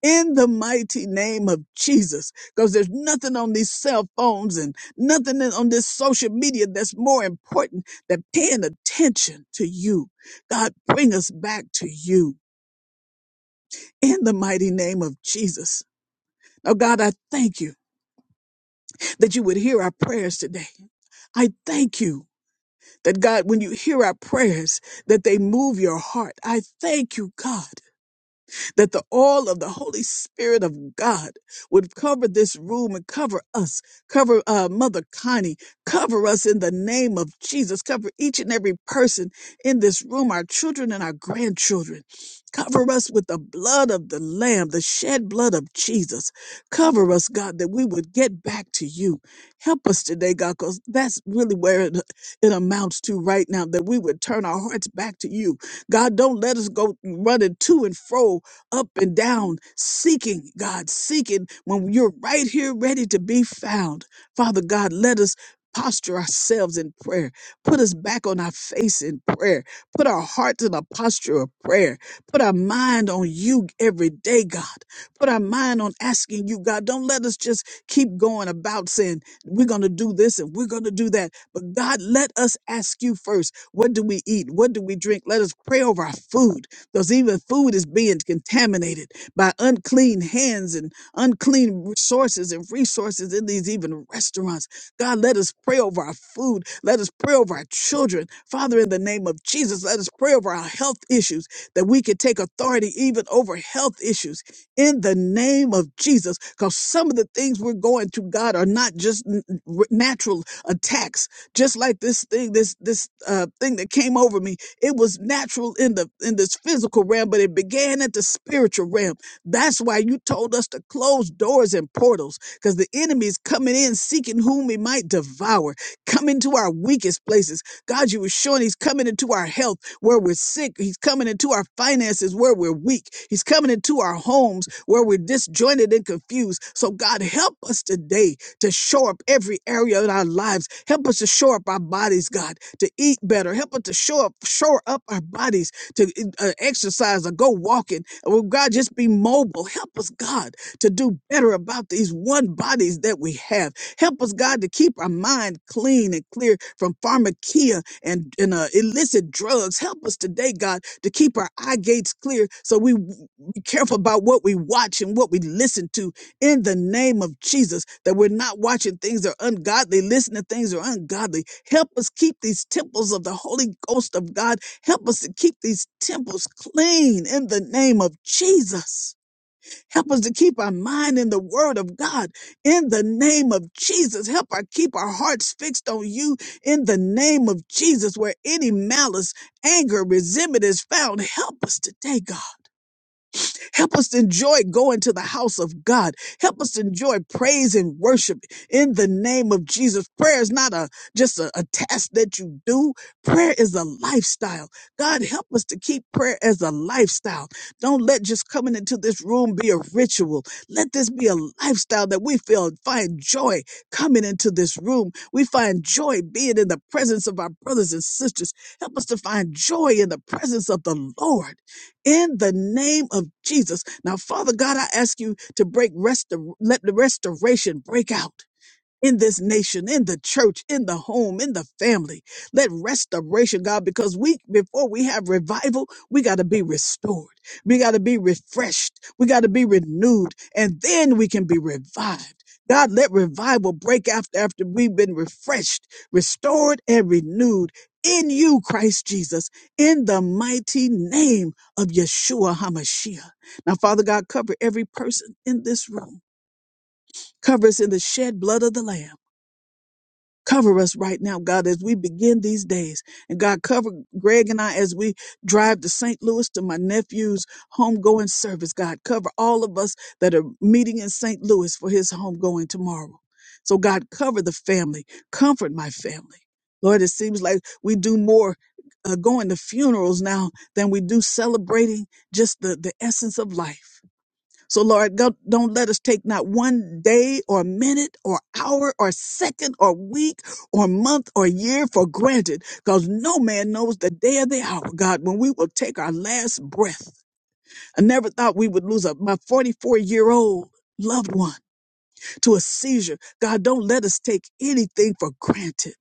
In the mighty name of Jesus, because there's nothing on these cell phones and nothing in- on this social media that's more important than paying attention to you. God, bring us back to you in the mighty name of Jesus. Now, God, I thank you that you would hear our prayers today. I thank you That God, when you hear our prayers, that they move your heart. I thank you, God, that the all of the Holy Spirit of God would cover this room and cover us, cover uh, Mother Connie, cover us in the name of Jesus, cover each and every person in this room, our children and our grandchildren. Cover us with the blood of the Lamb, the shed blood of Jesus. Cover us, God, that we would get back to you. Help us today, God, because that's really where it, it amounts to right now, that we would turn our hearts back to you. God, don't let us go running to and fro up and down, seeking God, seeking when you're right here ready to be found. Father God, let us posture ourselves in prayer. Put us back on our face in prayer. Put our hearts in a posture of prayer. Put our mind on you every day, God. Put our mind on asking you, God. Don't let us just keep going about saying, we're going to do this and we're going to do that. But God, let us ask you first. What do we eat? What do we drink? Let us pray over our food because even food is being contaminated by unclean hands and unclean sources and resources in these even restaurants. God, let us pray over our food. Let us pray over our children. Father, in the name of Jesus, let us pray over our health issues that we could take authority even over health issues in the name of Jesus. Because some of the things we're going to, God, are not just n- n- natural attacks, just like this thing, this, this uh, thing that came over me it was natural in the in this physical realm, but it began at the spiritual realm. That's why you told us to close doors and portals, because the enemy is coming in seeking whom he might devour, come into our weakest places. God, you were showing he's coming into our health where we're sick. He's coming into our finances where we're weak. He's coming into our homes where we're disjointed and confused. So God, help us today to shore up every area of our lives. Help us to shore up our bodies, God, to eat better. Help us to shore up, shore up our bodies, to uh, exercise or go walking. Well, God, just be mobile. Help us, God, to do better about these one bodies that we have. Help us, God, to keep our mind clean and clear from pharmakia and, and uh, illicit drugs. Help us today, God, to keep our eye gates clear so we w- be careful about what we watch and what we listen to in the name of Jesus, that we're not watching things that are ungodly, listening to things that are ungodly. Help us keep these temples of the Holy Ghost of God. Help us to keep these temples clean in the name of Jesus. Help us to keep our mind in the word of God in the name of Jesus. Help our keep our hearts fixed on you in the name of Jesus. Where any malice, anger, resentment is found, help us today, God. Help us to enjoy going to the house of God. Help us to enjoy praise and worship in the name of Jesus. Prayer is not a just a, a task that you do. Prayer is a lifestyle. God, help us to keep prayer as a lifestyle. Don't let just coming into this room be a ritual. Let this be a lifestyle that we feel find joy coming into this room. We find joy being in the presence of our brothers and sisters. Help us to find joy in the presence of the Lord in the name of Jesus. Now, Father God, I ask you to break rest, let the restoration break out in this nation, in the church, in the home, in the family. Let restoration, God, because we, before we have revival, we got to be restored. We got to be refreshed. We got to be renewed. And then we can be revived. God, let revival break after, after we've been refreshed, restored, and renewed in you, Christ Jesus, in the mighty name of Yeshua HaMashiach. Now, Father God, cover every person in this room. Cover us in the shed blood of the Lamb. Cover us right now, God, as we begin these days. And God, cover Greg and I as we drive to St. Louis to my nephew's homegoing service. God, cover all of us that are meeting in St. Louis for his homegoing tomorrow. So, God, cover the family, comfort my family. Lord, it seems like we do more uh, going to funerals now than we do celebrating just the, the essence of life. So, Lord, go- don't let us take not one day or minute or hour or second or week or month or year for granted because no man knows the day or the hour, God, when we will take our last breath. I never thought we would lose a, my 44 year old loved one to a seizure. God, don't let us take anything for granted.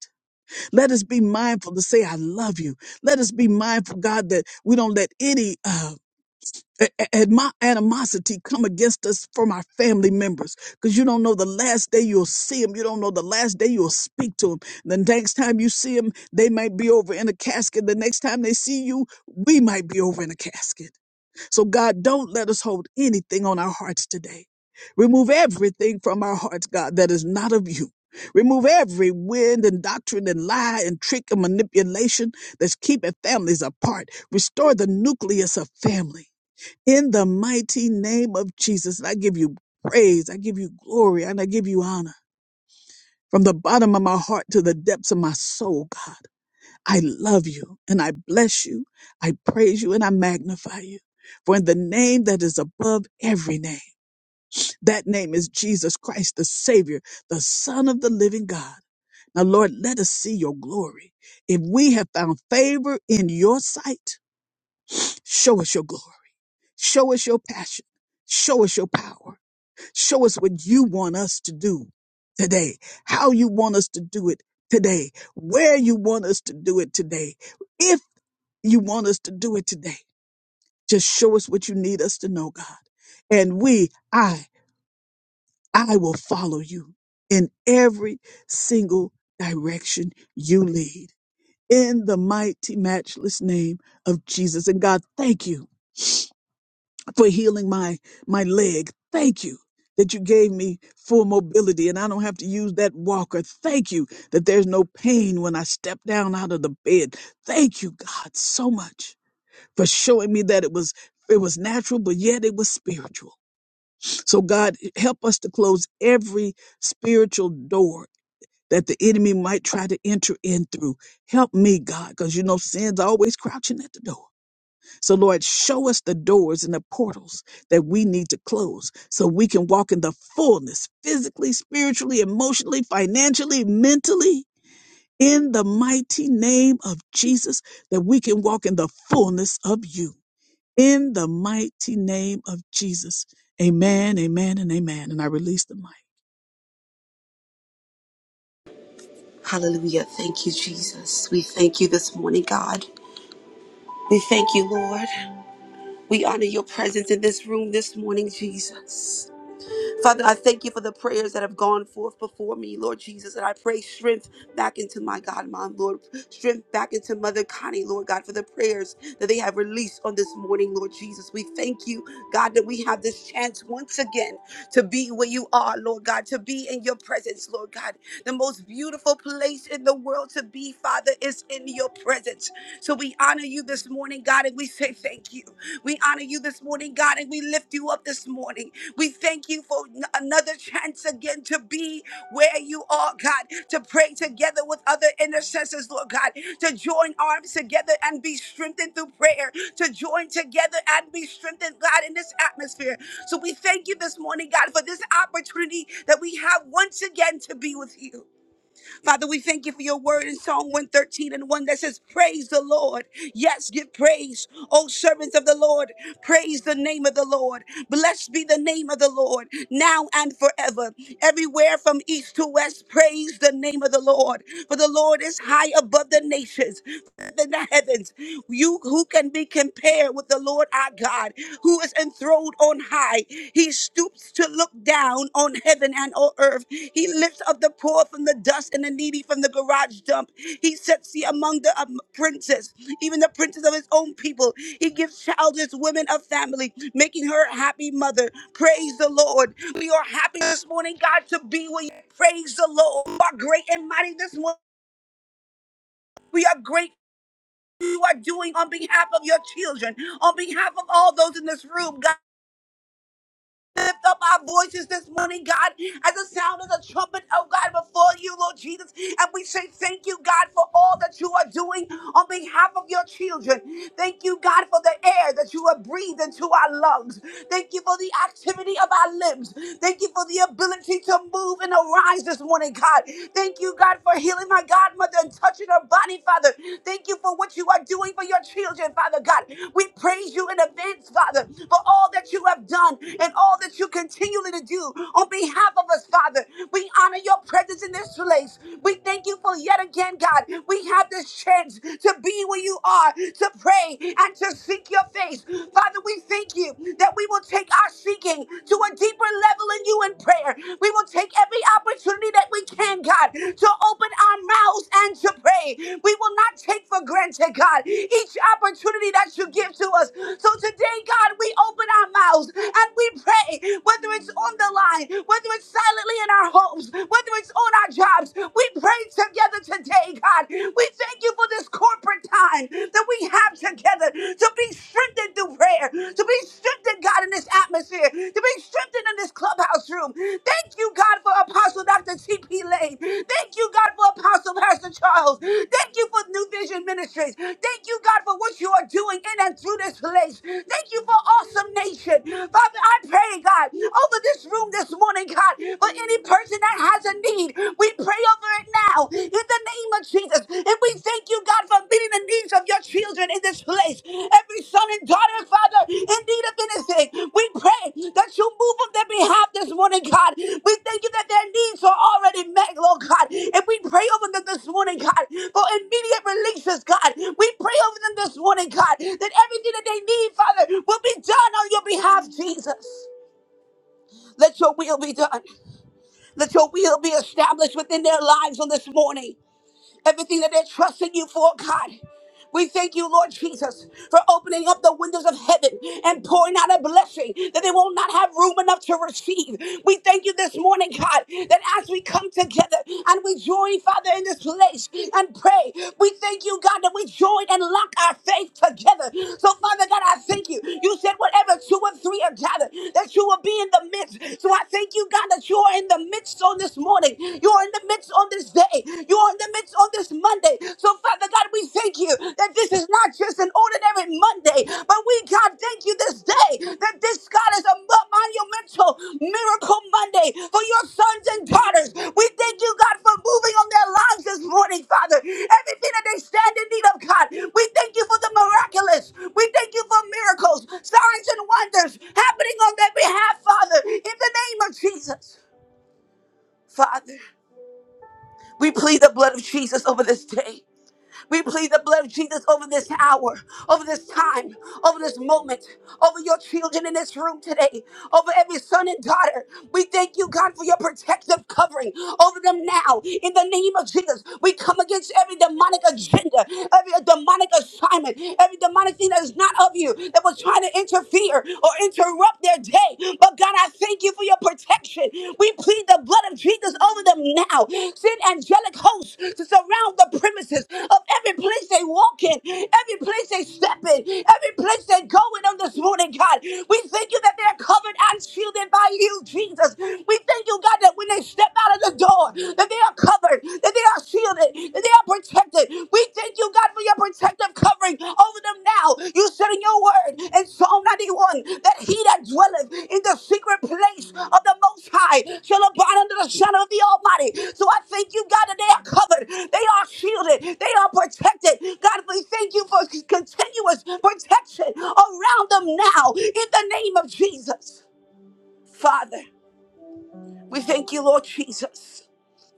Let us be mindful to say, I love you. Let us be mindful, God, that we don't let any uh, a- a- Had my animosity come against us from our family members? Because you don't know the last day you'll see them. You don't know the last day you'll speak to them. The next time you see them, they might be over in a casket. The next time they see you, we might be over in a casket. So, God, don't let us hold anything on our hearts today. Remove everything from our hearts, God, that is not of you. Remove every wind and doctrine and lie and trick and manipulation that's keeping families apart. Restore the nucleus of family in the mighty name of Jesus. I give you praise, I give you glory, and I give you honor from the bottom of my heart to the depths of my soul, God. I love you and I bless you. I praise you and I magnify you. For in the name that is above every name, that name is Jesus Christ, the Savior, the Son of the living God. Now, Lord, let us see your glory. If we have found favor in your sight, show us your glory. Show us your passion. Show us your power Show us what you want us to do today, how you want us to do it today, where you want us to do it today, if you want us to do it today. Just show us what you need us to know, God. And we, I, I will follow you in every single direction you lead. In the mighty, matchless name of Jesus. And God, thank you for healing my my leg. Thank you that you gave me full mobility and I don't have to use that walker. Thank you that there's no pain when I step down out of the bed. Thank you, God, so much for showing me that it was it was natural, but yet it was spiritual. So God, help us to close every spiritual door that the enemy might try to enter in through. Help me, God, because you know sin's always crouching at the door. So, Lord, show us the doors and the portals that we need to close so we can walk in the fullness physically, spiritually, emotionally, financially, mentally, in the mighty name of Jesus, that we can walk in the fullness of you. In the mighty name of Jesus. Amen, amen, and amen. And I release the mic.
Hallelujah. Thank you, Jesus. We thank you this morning, God. We thank you, Lord. We honor your presence in this room this morning, Jesus. Father, I thank you for the prayers that have gone forth before me, Lord Jesus. And I pray strength back into my God, my Lord. Strength back into Mother Connie, Lord God, for the prayers that they have released on this morning, Lord Jesus. We thank you, God, that we have this chance once again to be where you are, Lord God, to be in your presence, Lord God. The most beautiful place in the world to be, Father, is in your presence. So we honor you this morning morning, God, and we say thank you. We honor you this morning, God, and we lift you up this morning. We thank you for n- another chance again to be where you are, God, to pray together with other intercessors, Lord God, to join arms together and be strengthened through prayer, to join together and be strengthened, God, in this atmosphere. So we thank you this morning, God, for this opportunity that we have once again to be with you. Father, we thank you for your word in Psalm 113 and 1 that says, Praise the Lord. Yes, give praise, O servants of the Lord. Praise the name of the Lord. Blessed be the name of the Lord, now and forever. Everywhere from east to west, praise the name of the Lord. For the Lord is high above the nations, than the heavens. You who can be compared with the Lord our God, who is enthroned on high. He stoops to look down on heaven and on earth. He lifts up the poor from the dust and the needy from the garage dump. He sets thee among the um, princes, even the princes of his own people. He gives childless women a family, making her a happy mother. Praise the Lord. We are happy this morning, God, to be with you. Praise the Lord. You are great and mighty this morning. We are grateful you are doing on behalf of your children, on behalf of all those in this room. God, lift up our voices this morning, God, as the sound of the trumpet, oh God, before you, Lord Jesus. And we say thank you, God, for all that you are doing on behalf of your children. Thank you, God, for the air that you have breathed into our lungs. Thank you for the activity of our limbs. Thank you for the ability to move and arise this morning, God. Thank you, God, for healing my godmother and touching her body, Father. Thank you for what you are doing for your children, Father God. We praise you in advance, Father, for all that you have done and all that all that you continually to do on behalf of us, Father. We honor your presence in this place. We thank you for yet again, God. We have this chance to be where you are, to pray and to seek your face. Father, we thank you that we will take our seeking to a deeper level in you in prayer. We will take every opportunity that we can, God, to open our mouths and to pray. We will not take for granted, God, each opportunity that you give to us. So today, God, we open with our mouths and we pray, whether it's on the line, whether it's silently in our homes, whether it's on our jobs. We pray together today, God. We thank you for this corporate time that we have together to be strengthened through prayer, to be strengthened strengthened, God, in this atmosphere, to be strengthened in this clubhouse room. Thank you, God, for Apostle Dr. T.P. Lane. Thank you, God, for Apostle Pastor Charles. Thank you for New Vision Ministries. Thank you, God, for what you are doing in and through this place. Thank you for Awesome Nation. Father, I pray, God, over this room this morning, God, for any person that has a need, we pray over it now. In the name of Jesus. And we thank you, God, for meeting the needs of your children in this place. Every son and daughter, Father, in need of anything. We pray that you move on their behalf this morning, God. We thank you that their needs are already met, Lord God. And we pray over them this morning, God, for immediate releases, God. We pray over them this morning, God, that everything that they need, Father, will be done on your behalf, Jesus. Let your will be done. Let your will be established within their lives on this morning everything that they're trusting you for, God. We thank you, Lord Jesus, for opening up the windows of heaven and pouring out a blessing that they will not have room enough to receive. We thank you this morning, God, that as we come together and we join, Father, in this place and pray, we thank you, God, that we join and lock our faith together. So, Father God, I thank you. You said, whatever two or three are gathered, that you will be in the midst. So, I thank you, God, that you are in the midst on this morning. You are in the midst on this day. You are in the midst on this Monday. So, Father God, we thank you that this is not just an ordinary Monday, but we, God, thank you this day that this, God, is a mo- monumental miracle Monday for your sons and daughters. We thank you, God, for moving on their lives this morning, Father. Everything that they stand in need of, God, we thank you for the miraculous. We thank you for miracles, signs, and wonders happening on their behalf, Father, in the name of Jesus. Father, we plead the blood of Jesus over this day. We plead the blood of Jesus over this hour, over this time, over this moment, over your children in this room today, over every son and daughter. We thank you, God, for your protective covering over them now. In the name of Jesus, we come against every demonic agenda, every demonic assignment, every demonic thing that is not of you that was trying to interfere or interrupt their day. But God, God, I thank you for your protection. We plead the blood of Jesus over them now. Send angelic hosts to surround the premises of every place they walk in, every place they step in, every place they go in on this morning, God. We thank you that they're covered and shielded by you, Jesus. We thank you, God, that when they step out of the door, that they are covered, that they are shielded, that they are protected, we thank you, God, for your protective covering over them now. You said in your word in Psalm 91 that he that dwelleth in the secret place of the Most High shall abide under the shadow of the Almighty. So I thank you, God, that they are covered, they are shielded, they are protected. God, we thank you for continuous protection around them now in the name of Jesus. Father, we thank you, Lord Jesus,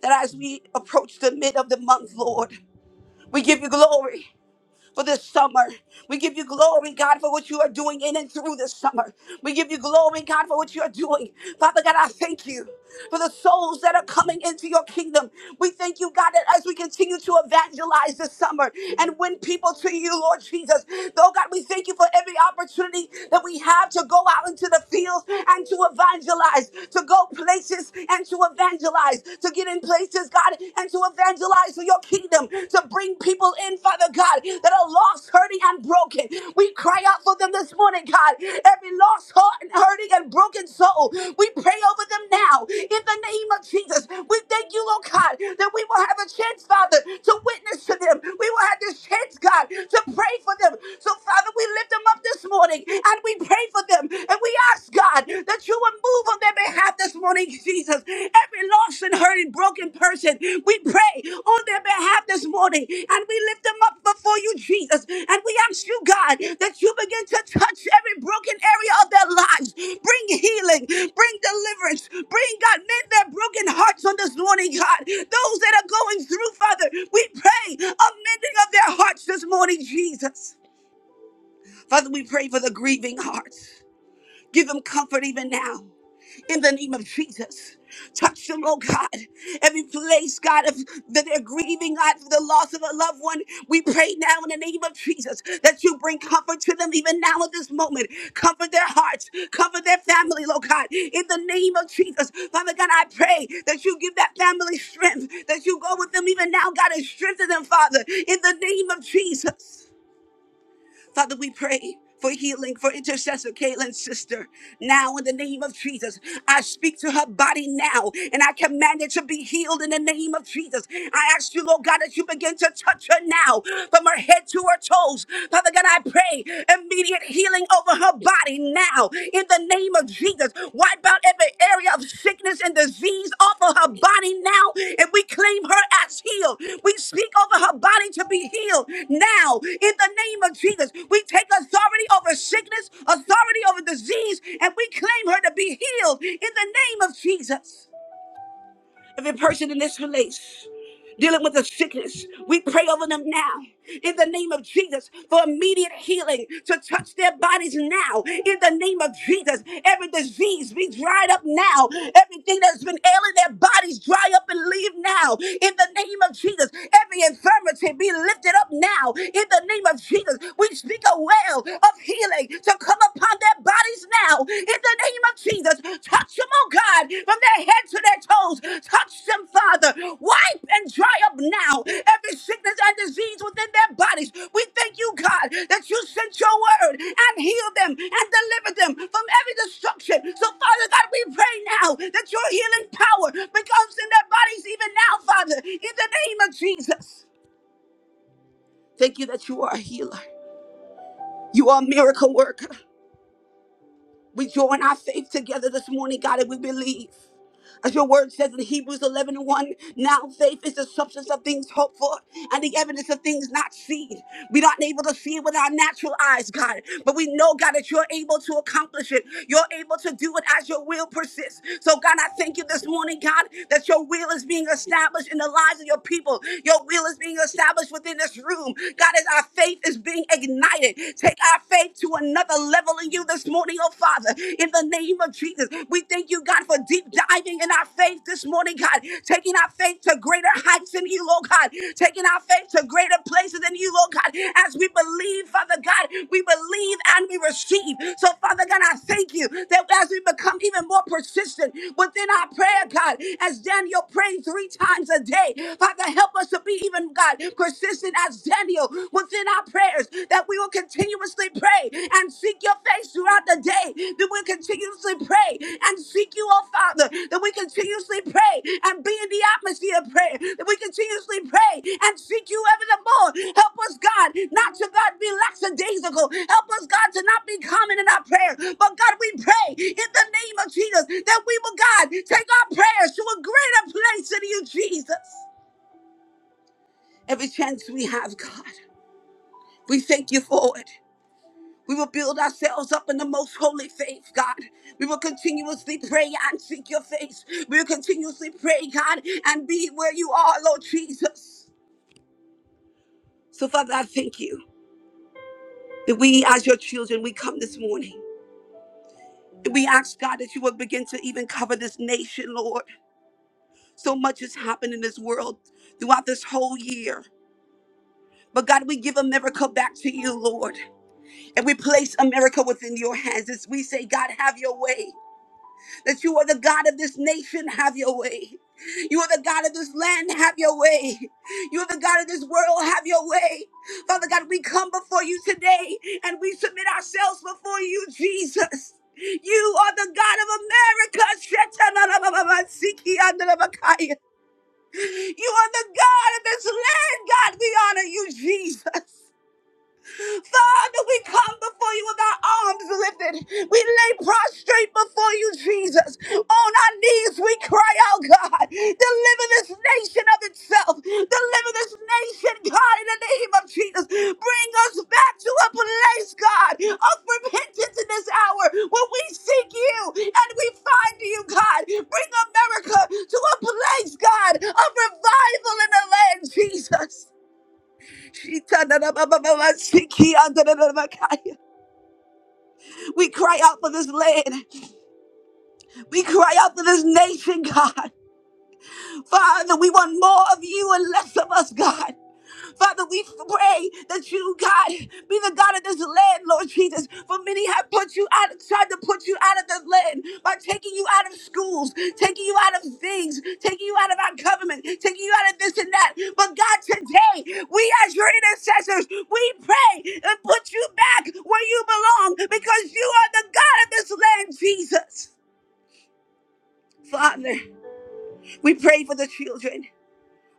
that as we approach the mid of the month, Lord, we give you glory for this summer. We give you glory, God, for what you are doing in and through this summer. We give you glory, God, for what you are doing. Father God, I thank you for the souls that are coming into your kingdom. We thank you, God, that as we continue to evangelize this summer and win people to you, Lord Jesus. Though, God, we thank you for every opportunity that we have to go out into the fields and to evangelize, to go places and to evangelize, to get in places places, God, and to evangelize for your kingdom, to bring people in, Father God, that are lost, hurting, and broken. We cry out for them this morning, God. Every lost, heart, and hurting, and broken soul, we pray over them now in the name of Jesus. We thank you, Lord God, that we will have a chance, Father, to witness to them. We will have this chance, God, to pray for them. So, Father, we lift them up this morning and we pray for them and we ask, God, that you would move on their behalf this morning, Jesus. Every lost and hurting, broken person, we pray on their behalf this morning and we lift them up before you, Jesus. And we ask you, God, that you begin to touch every broken area of their lives. Bring healing, bring deliverance, bring, God, mend their broken hearts on this morning, God. Those that are going through, Father, we pray a mending of their hearts this morning, Jesus. Father, we pray for the grieving hearts. Give them comfort even now in the name of Jesus. Touch them, oh God. Every place, God, of, that they're grieving, God, for the loss of a loved one. We pray now in the name of Jesus that you bring comfort to them even now at this moment. Comfort their hearts, comfort their family, oh God. In the name of Jesus, Father God, I pray that you give that family strength, that you go with them even now, God, and strengthen them, Father, in the name of Jesus. Father, we pray for healing for intercessor Caitlin's sister. Now, in the name of Jesus, I speak to her body now and I command it to be healed in the name of Jesus. I ask you, Lord God, that you begin to touch her now from her head to her toes. Father God, I pray immediate healing over her body now In the name of Jesus. Wipe out every area of sickness and disease off of her body now, and we claim her as healed. We speak over her body to be healed now in the name of Jesus. We take authority over sickness, authority over disease, and we claim her to be healed in the name of Jesus. Every person in this place dealing with a sickness, we pray over them now in the name of Jesus for immediate healing to touch their bodies now in the name of Jesus. Every disease be dried up now. Everything that's been ailing their bodies dry up and leave now in the name of Jesus. Every infirmity be lifted up now in the name of Jesus. We speak a well of healing to come upon their bodies now in the name of Jesus. Touch them, oh God, from their head to their toes. Touch them, Father. Wipe and dry up now every sickness and disease within their bodies. We thank you, God, that you sent your word and healed them and delivered them from every destruction. So, Father God, we pray now that your healing power becomes in their bodies even now, Father, in the name of Jesus. Thank you that you are a healer. You are a miracle worker. We join our faith together this morning, God, and we believe. As your word says in Hebrews 11 and 1, now faith is the substance of things hoped for and the evidence of things not seen. We're not able to see it with our natural eyes, God, but we know, God, that you're able to accomplish it. You're able to do it as your will persists. So, God, I thank you this morning, God, that your will is being established in the lives of your people. Your will is being established within this room. God, as our faith is being ignited, take our faith to another level in you this morning testimony, oh Father, in the name of Jesus. We thank you, God, for deep diving in our faith this morning, God, taking our faith to greater heights in you, Lord God, taking our faith to greater places in you, Lord God, as we believe, Father God, we believe and we receive. So, Father God, I thank you that as we become even more persistent within our prayer, God, as Daniel prayed three times a day, Father, help us to be even, God, persistent as Daniel within prayers that we will continuously pray and seek your face throughout the day that we continuously pray and seek you oh father that we continuously pray and be in the atmosphere of prayer that we continuously pray and seek you ever the more help us god not to god be lackadaisical help us god to not be common in our prayer. but god we pray in the name of jesus that we will god take our prayers to a greater place in you jesus every chance we have god we thank you for it we will build ourselves up in the most holy faith, God. We will continuously pray and seek your face. We will continuously pray, God, and be where you are, Lord Jesus. So, Father, I thank you that we, as your children, we come this morning. we ask, God, that you would begin to even cover this nation, Lord. So much has happened in this world throughout this whole year. But God, we give America back to you, Lord. And we place America within your hands as we say, God, have your way. that you are the God of this nation, have your way. You are the God of this land, have your way. You are the God of this world, have your way. Father God, we come before you today and we submit ourselves before you, Jesus. You are the God of America. You are the God of this land, God. We honor you, Jesus. Father, we come before you with our arms lifted. We lay prostrate before you, Jesus. On our knees, we cry out, God, deliver this nation of itself. Deliver this nation, God, in the name of Jesus. Bring us back to a place, God, of repentance in this hour where we seek you and we find you, God. Bring America to a place, God, of revival in the land, Jesus. We cry out for this land. We cry out for this nation, God. Father, we want more of you and less of us, God. Father, we pray that you, God, be the God of this land, Lord Jesus. For many have put you out, tried to put you out of the land by taking you out of schools, taking you out of things, taking you out of our government, taking you out of this and that. But God, today, we as your intercessors, we pray and put you back where you belong because you are the God of this land, Jesus. Father, we pray for the children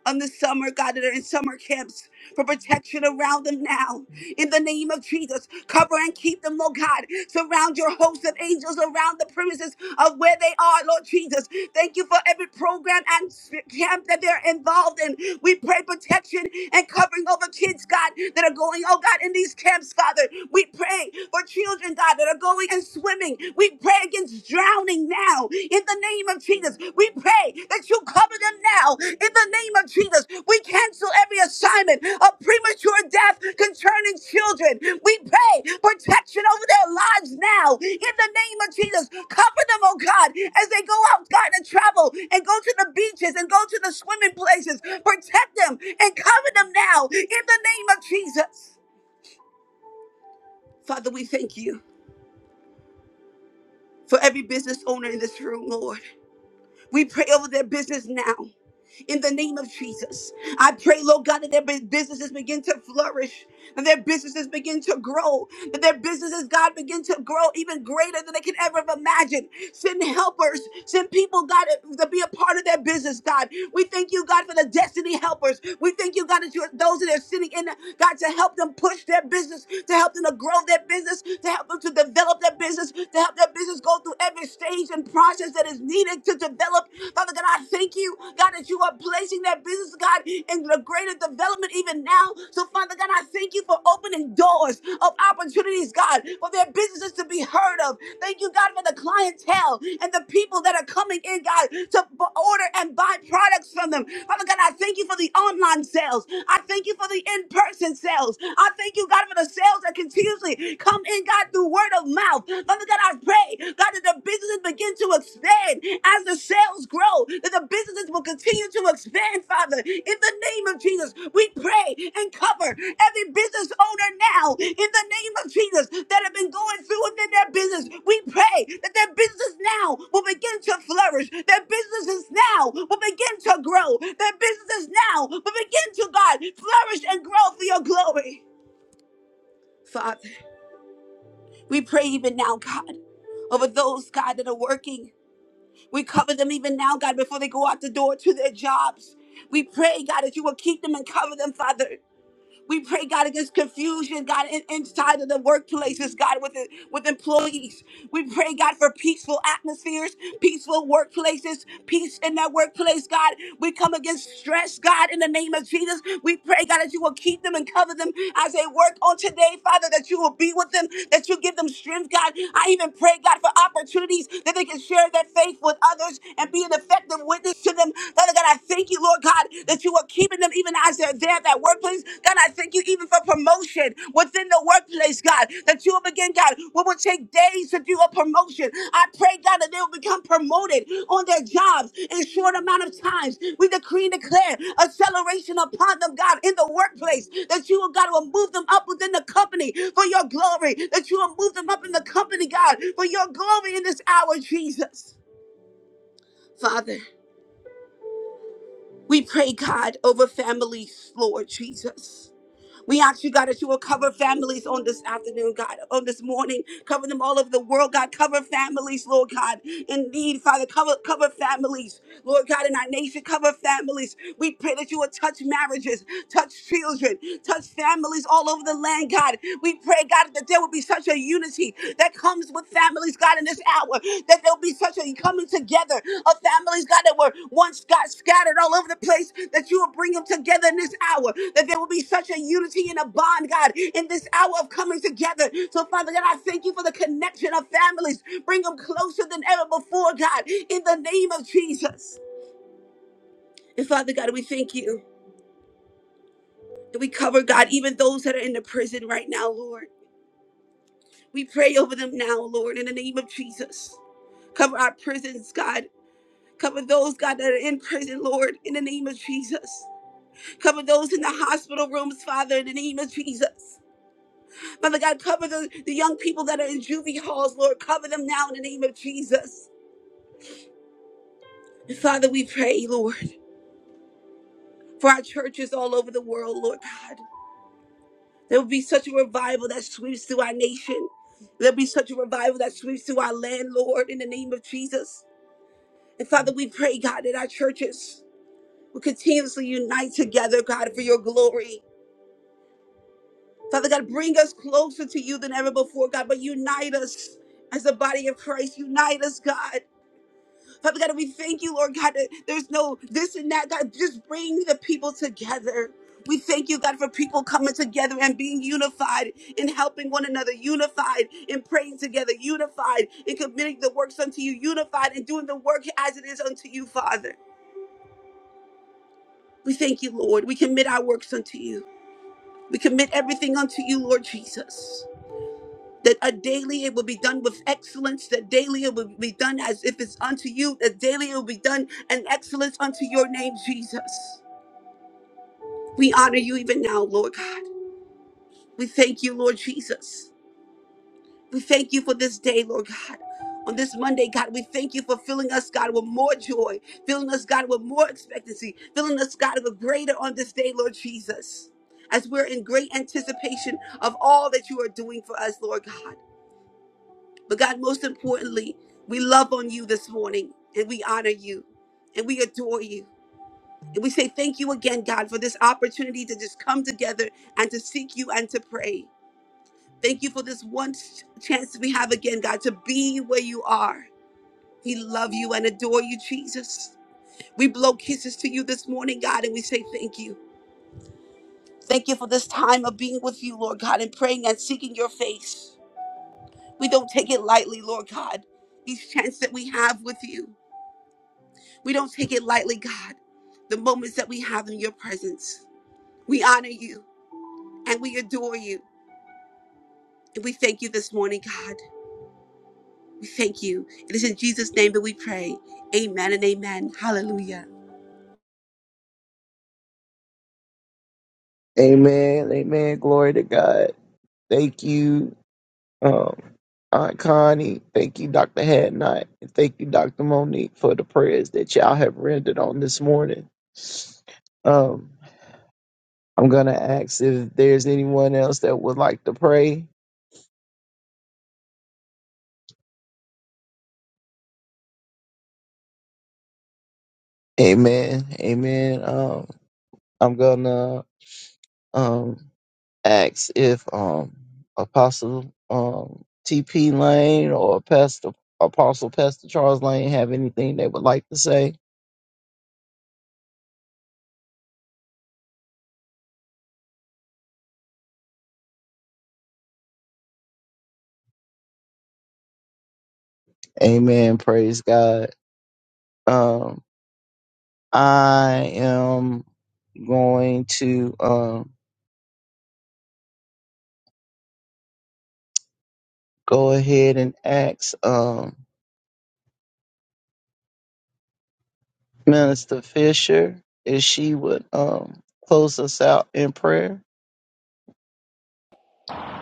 on the summer, God, that are in summer camps for protection around them now. In the name of Jesus, cover and keep them, Lord God. Surround your host of angels around the premises of where they are, Lord Jesus. Thank you for every program and s- camp that they're involved in. We pray protection and covering over kids, God, that are going, oh God, in these camps, Father. We pray for children, God, that are going and swimming. We pray against drowning now in the name of Jesus. We pray that you cover them now in the name of Jesus. We cancel every assignment of premature death concerning children. We pray protection over their lives now in the name of Jesus. Cover them, oh God, as they go out, God, and travel and go to the beaches and go to the swimming places. Protect them and cover them now in the name of Jesus. Father, we thank you for every business owner in this room, Lord. We pray over their business now. in the name of Jesus. I pray, Lord God, that their bu- businesses begin to flourish, that their businesses begin to grow, that their businesses, God, begin to grow even greater than they can ever have imagined. Send helpers, send people, God, to be a part of their business, God. We thank you, God, for the destiny helpers. We thank you, God, that you're those that are sitting in, God, to help them push their business, to help them to grow their business, to help them to develop their business, to help their business go through every stage and process business that is needed to develop. Father God, I thank you, God, that you are placing that business, God, in the greater development even now. So, Father God, I thank you for opening doors of opportunities, God, for their businesses to be heard of. Thank you, God, for the clientele and the people that are coming in, God, to b- order and buy products from them. Father God, I thank you for the online sales. I thank you for the in person sales. I thank you, God, for the sales that continuously come in, God, through word mouth. Father God, I pray, God, that the businesses begin to expand as the sales grow, that the businesses will continue to expand, Father. In the name of Jesus, we pray and cover every business owner now, in the name of Jesus, that have been going through within their business. We pray that their business now will begin to flourish, their businesses now will begin to grow, their businesses now will begin to, God, flourish and grow for your glory. Father. We pray even now, God, over those, God, that are working. We cover them even now, God, before they go out the door to their jobs. We pray, God, that you will keep them and cover them, Father. We pray, God, against confusion, God, in, inside of the workplaces, God, with, the- with employees. We pray, God, for peaceful atmospheres, peaceful workplaces, peace in that workplace, God. We come against stress, God, in the name of Jesus. We pray, God, that you will keep them and cover them as they work on today, Father, that you will be with them, that you give them strength, God. I even pray, God, for opportunities that they can share their faith with others and be an effective witness to them. Father God, I thank you you, Lord God, that you are keeping them even as they're there at that workplace. God, I thank you even for promotion within the workplace, God, that you will begin, God, what will take days to do a promotion. I pray, God, that they will become promoted on their jobs in short amount of times. We decree and declare acceleration upon them, God, in the workplace, that you will, God, will move them up within the company for your glory, that you will move them up in the company, God, for your glory in this hour, Jesus. Father. We pray, God, over families, Lord Jesus. We ask you, God, that you will cover families on this afternoon, God, on this morning. Cover them all over the world, God. Cover families, Lord God. Indeed, Father, cover, cover families, Lord God, in our nation. Cover families. We pray that you will touch marriages, touch children, touch families all over the land, God. We pray, God, that the there will be such a unity that comes with families, God, in this hour. That there'll be such a coming together of families, God, that were once got scattered all over the place. That you will bring them together in this hour. That there will be such a unity and a bond, God, in this hour of coming together. So, Father God, I thank you for the connection of families. Bring them closer than ever before, God, in the name of Jesus. And Father God, we thank you that we cover, God, even those that are in the prison right now, Lord. We pray over them now, Lord, in the name of Jesus. Cover our prisons, God. Cover those, God, that are in prison, Lord, in the name of Jesus. Cover those in the hospital rooms, Father, in the name of Jesus. Father God, cover the, the young people that are in juvie halls, Lord. Cover them now in the name of Jesus. And Father, we pray, Lord, for our churches all over the world, Lord God. There will be such a revival that sweeps through our nation. There'll be such a revival that sweeps through our land, Lord, in the name of Jesus. And Father, we pray, God, that our churches. We continuously unite together, God, for your glory. Father God, bring us closer to you than ever before, God, but unite us as the body of Christ. Unite us, God. Father God, we thank you, Lord God, that there's no this and that. God, just bring the people together. We thank you, God, for people coming together and being unified in helping one another, unified in praying together, unified in committing the works unto you, unified in doing the work as it is unto you, Father. We thank you, Lord. We commit our works unto you. We commit everything unto you, Lord Jesus. That a daily it will be done with excellence, that daily it will be done as if it's unto you, that daily it will be done in excellence unto your name, Jesus. We honor you even now, Lord God. We thank you, Lord Jesus. We thank you for this day, Lord God. On this Monday, God, we thank you for filling us, God, with more joy, filling us, God, with more expectancy, filling us, God, with greater on this day, Lord Jesus. As we're in great anticipation of all that you are doing for us, Lord God. But God, most importantly, we love on you this morning and we honor you and we adore you. And we say thank you again, God, for this opportunity to just come together and to seek you and to pray. Thank you for this one ch- chance we have again, God, to be where you are. We love you and adore you, Jesus. We blow kisses to you this morning, God, and we say thank you. Thank you for this time of being with you, Lord God, and praying and seeking your face. We don't take it lightly, Lord God, each chance that we have with you. We don't take it lightly, God, the moments that we have in your presence. We honor you and we adore you. And we thank you this morning, God. We thank you. It is in Jesus' name that we pray. Amen and amen. Hallelujah.
Amen. Amen. Glory to God. Thank you, um, Aunt Connie. Thank you, Doctor Hadnot. And thank you, Doctor Monique, for the prayers that y'all have rendered on this morning. Um, I'm gonna ask if there's anyone else that would like to pray. Amen. Amen. Um, I'm gonna um ask if um Apostle um TP Lane or Pastor Apostle Pastor Charles Lane have anything they would like to say. Amen. Praise God. Um, I am going to um go ahead and ask um Minister Fisher if she would um close us out in prayer.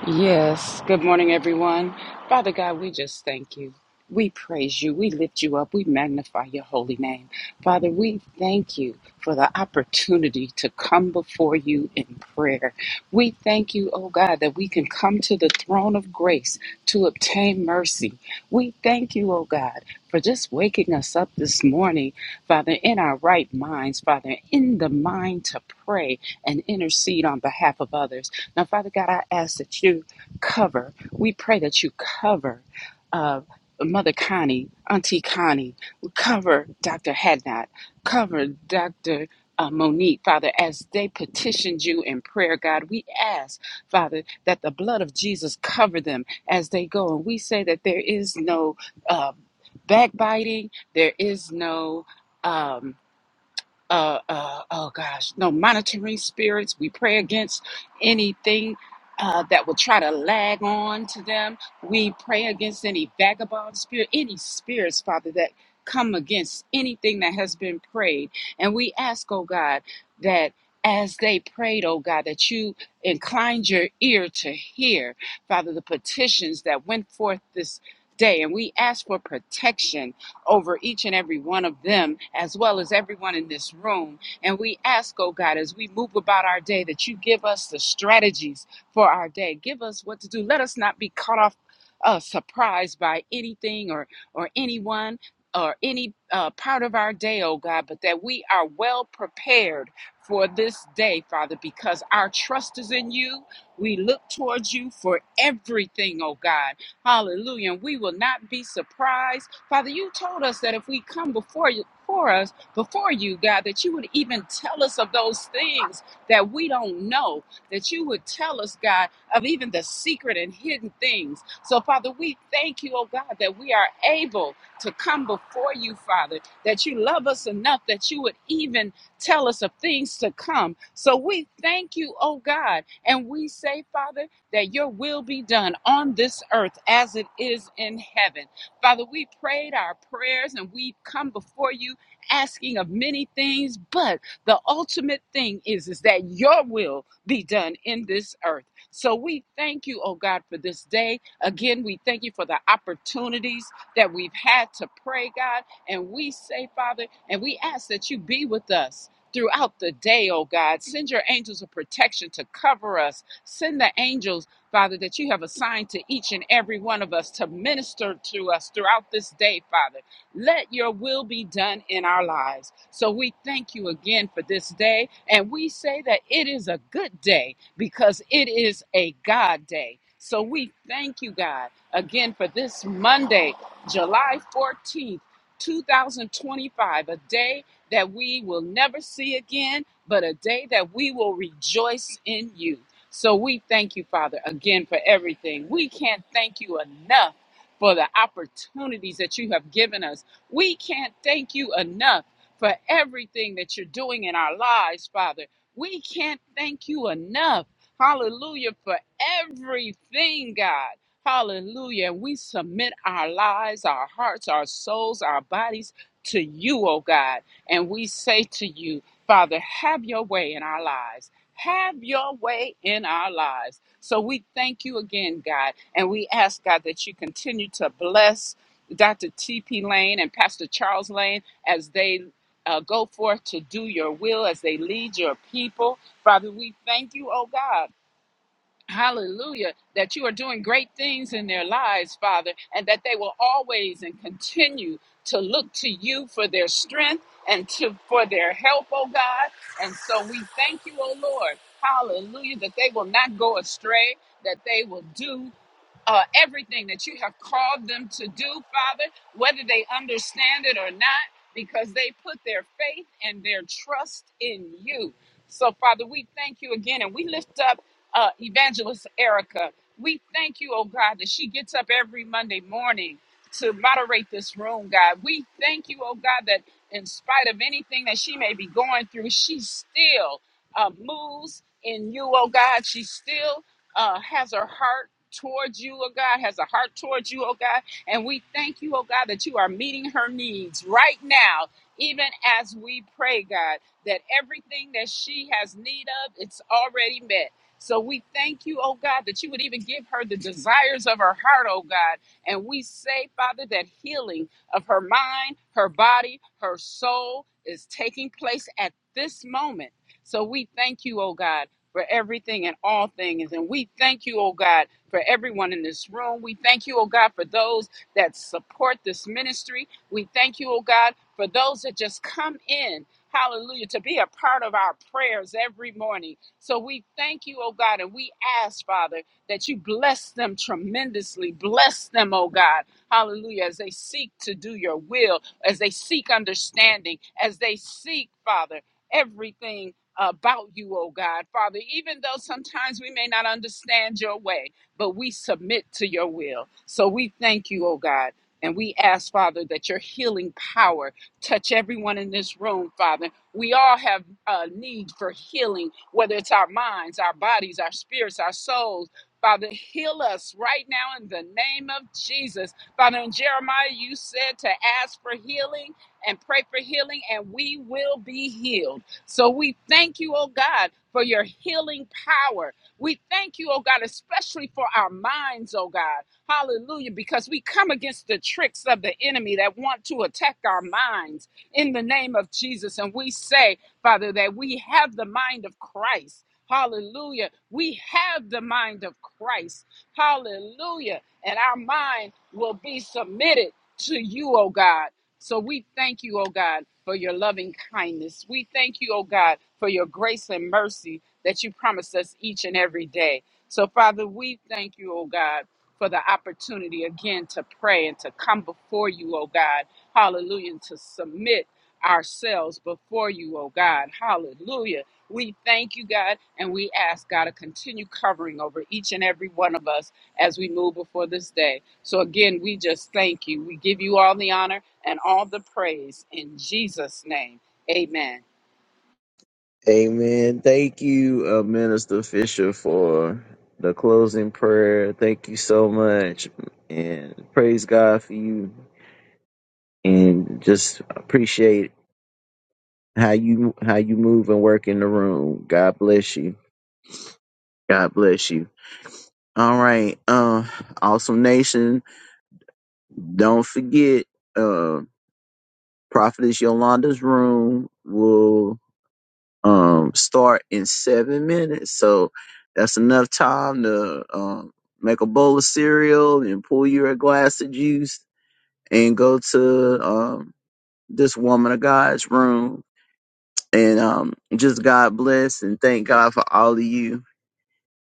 Yes. Good morning, everyone. Father God, we just thank you. We praise you. We lift you up. We magnify your holy name. Father, we thank you for the opportunity to come before you in prayer. We thank you, oh God, that we can come to the throne of grace to obtain mercy. We thank you, oh God, for just waking us up this morning, Father, in our right minds, Father, in the mind to pray and intercede on behalf of others. Now, Father God, I ask that you cover, we pray that you cover uh, Mother Connie, Auntie Connie, cover Dr. Hadnot, cover Dr. Uh, Monique, Father, as they petitioned you in prayer, God, we ask, Father, that the blood of Jesus cover them as they go. And we say that there is no uh, backbiting, there is no. Um, uh, uh, oh gosh, no monitoring spirits. We pray against anything uh, that will try to lag on to them. We pray against any vagabond spirit, any spirits, Father, that come against anything that has been prayed. And we ask, oh God, that as they prayed, oh God, that you inclined your ear to hear, Father, the petitions that went forth this day. And we ask for protection over each and every one of them, as well as everyone in this room. And we ask, oh God, as we move about our day, that you give us the strategies for our day. Give us what to do. Let us not be caught off uh, surprised by anything or, or anyone or any uh, part of our day, oh God, but that we are well prepared for this day, Father, because our trust is in you. We look towards you for everything, oh God. Hallelujah. And we will not be surprised. Father, you told us that if we come before you, for us, before you, God, that you would even tell us of those things that we don't know, that you would tell us, God, of even the secret and hidden things. So, Father, we thank you, oh God, that we are able to come before you, Father, that you love us enough that you would even tell us of things to come. So we thank you, oh God, and we say, Father, that your will be done on this earth as it is in heaven. Father, we prayed our prayers and we've come before you asking of many things, but the ultimate thing is, is that your will be done in this earth. So we thank you, oh God, for this day. Again, we thank you for the opportunities that we've had to pray, God. And we say, Father, and we ask that you be with us. Throughout the day, oh God, send your angels of protection to cover us. Send the angels Father, that you have assigned to each and every one of us to minister to us throughout this day, Father. Let your will be done in our lives. So we thank you again for this day, and we say that it is a good day because it is a God day. So we thank you, God, again for this Monday, July 14th. 2025, a day that we will never see again, but a day that we will rejoice in you. So we thank you, Father, again for everything. We can't thank you enough for the opportunities that you have given us. We can't thank you enough for everything that you're doing in our lives, Father. We can't thank you enough. Hallelujah for everything, God. Hallelujah. And we submit our lives, our hearts, our souls, our bodies to you, oh God. And we say to you, Father, have your way in our lives. Have your way in our lives. So we thank you again, God, and we ask, God, that you continue to bless Dr. T.P. Lane and Pastor Charles Lane as they uh, go forth to do your will, as they lead your people. Father, we thank you, oh God Hallelujah. That you are doing great things in their lives, Father, and that they will always and continue to look to you for their strength and to for their help, oh God. And so we thank you, oh Lord. Hallelujah. That they will not go astray, that they will do uh, everything that you have called them to do, Father, whether they understand it or not, because they put their faith and their trust in you. So, Father, we thank you again and we lift up uh, Evangelist Erica. We thank you, oh God, that she gets up every Monday morning to moderate this room, God. We thank you, oh God, that in spite of anything that she may be going through, she still uh, moves in you, oh God. She still uh, has a heart towards you, oh God, has a heart towards you, oh God. And we thank you, oh God, that you are meeting her needs right now, even as we pray, God, that everything that she has need of, it's already met. So we thank you, oh God, that you would even give her the desires of her heart, oh God. And we say, Father, that healing of her mind, her body, her soul is taking place at this moment. So we thank you, oh God for everything and all things. And we thank you, oh God, for everyone in this room. We thank you, oh God, for those that support this ministry. We thank you, oh God, for those that just come in. Hallelujah, to be a part of our prayers every morning. So we thank you, oh God, and we ask, Father, that you bless them tremendously. Bless them, oh God. Hallelujah, as they seek to do your will, as they seek understanding, as they seek, Father, everything about you, oh God. Father, even though sometimes we may not understand your way, but we submit to your will. So we thank you, oh God. And we ask, Father, that your healing power touch everyone in this room, Father. We all have a need for healing, whether it's our minds, our bodies, our spirits, our souls. Father, heal us right now in the name of Jesus. Father, in Jeremiah, you said to ask for healing and pray for healing, and we will be healed. So we thank you, oh God, for your healing power. We thank you, oh God, especially for our minds, oh God. Hallelujah, because we come against the tricks of the enemy that want to attack our minds in the name of Jesus. And we say, Father, that we have the mind of Christ. Hallelujah. We have the mind of Christ. Hallelujah. And our mind will be submitted to you, oh God. So we thank you, oh God, for your loving kindness. We thank you, oh God, for your grace and mercy that you promise us each and every day. So, Father, we thank you, oh God, for the opportunity again to pray and to come before you, oh God. Hallelujah. And to submit ourselves before you, oh God. Hallelujah. We thank you, God, and we ask God to continue covering over each and every one of us as we move before this day. So again, we just thank you. We give you all the honor and all the praise in Jesus' name. Amen.
Amen. Thank you, uh, Minister Fisher, for the closing prayer. Thank you so much. And praise God for you. And just appreciate how you how you move and work in the room. God bless you. God bless you. All right. Uh, awesome Nation. Don't forget, uh, Prophetess Yolanda's room will um start in seven minutes. So that's enough time to um make a bowl of cereal and pull you a glass of juice and go to um this woman of God's room and um just God bless and thank God for all of you.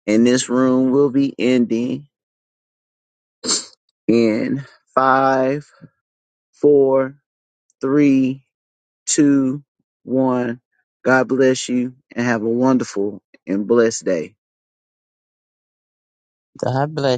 And this room will be ending in five, four, three, two, one. God bless you and have a wonderful and blessed day.
God bless.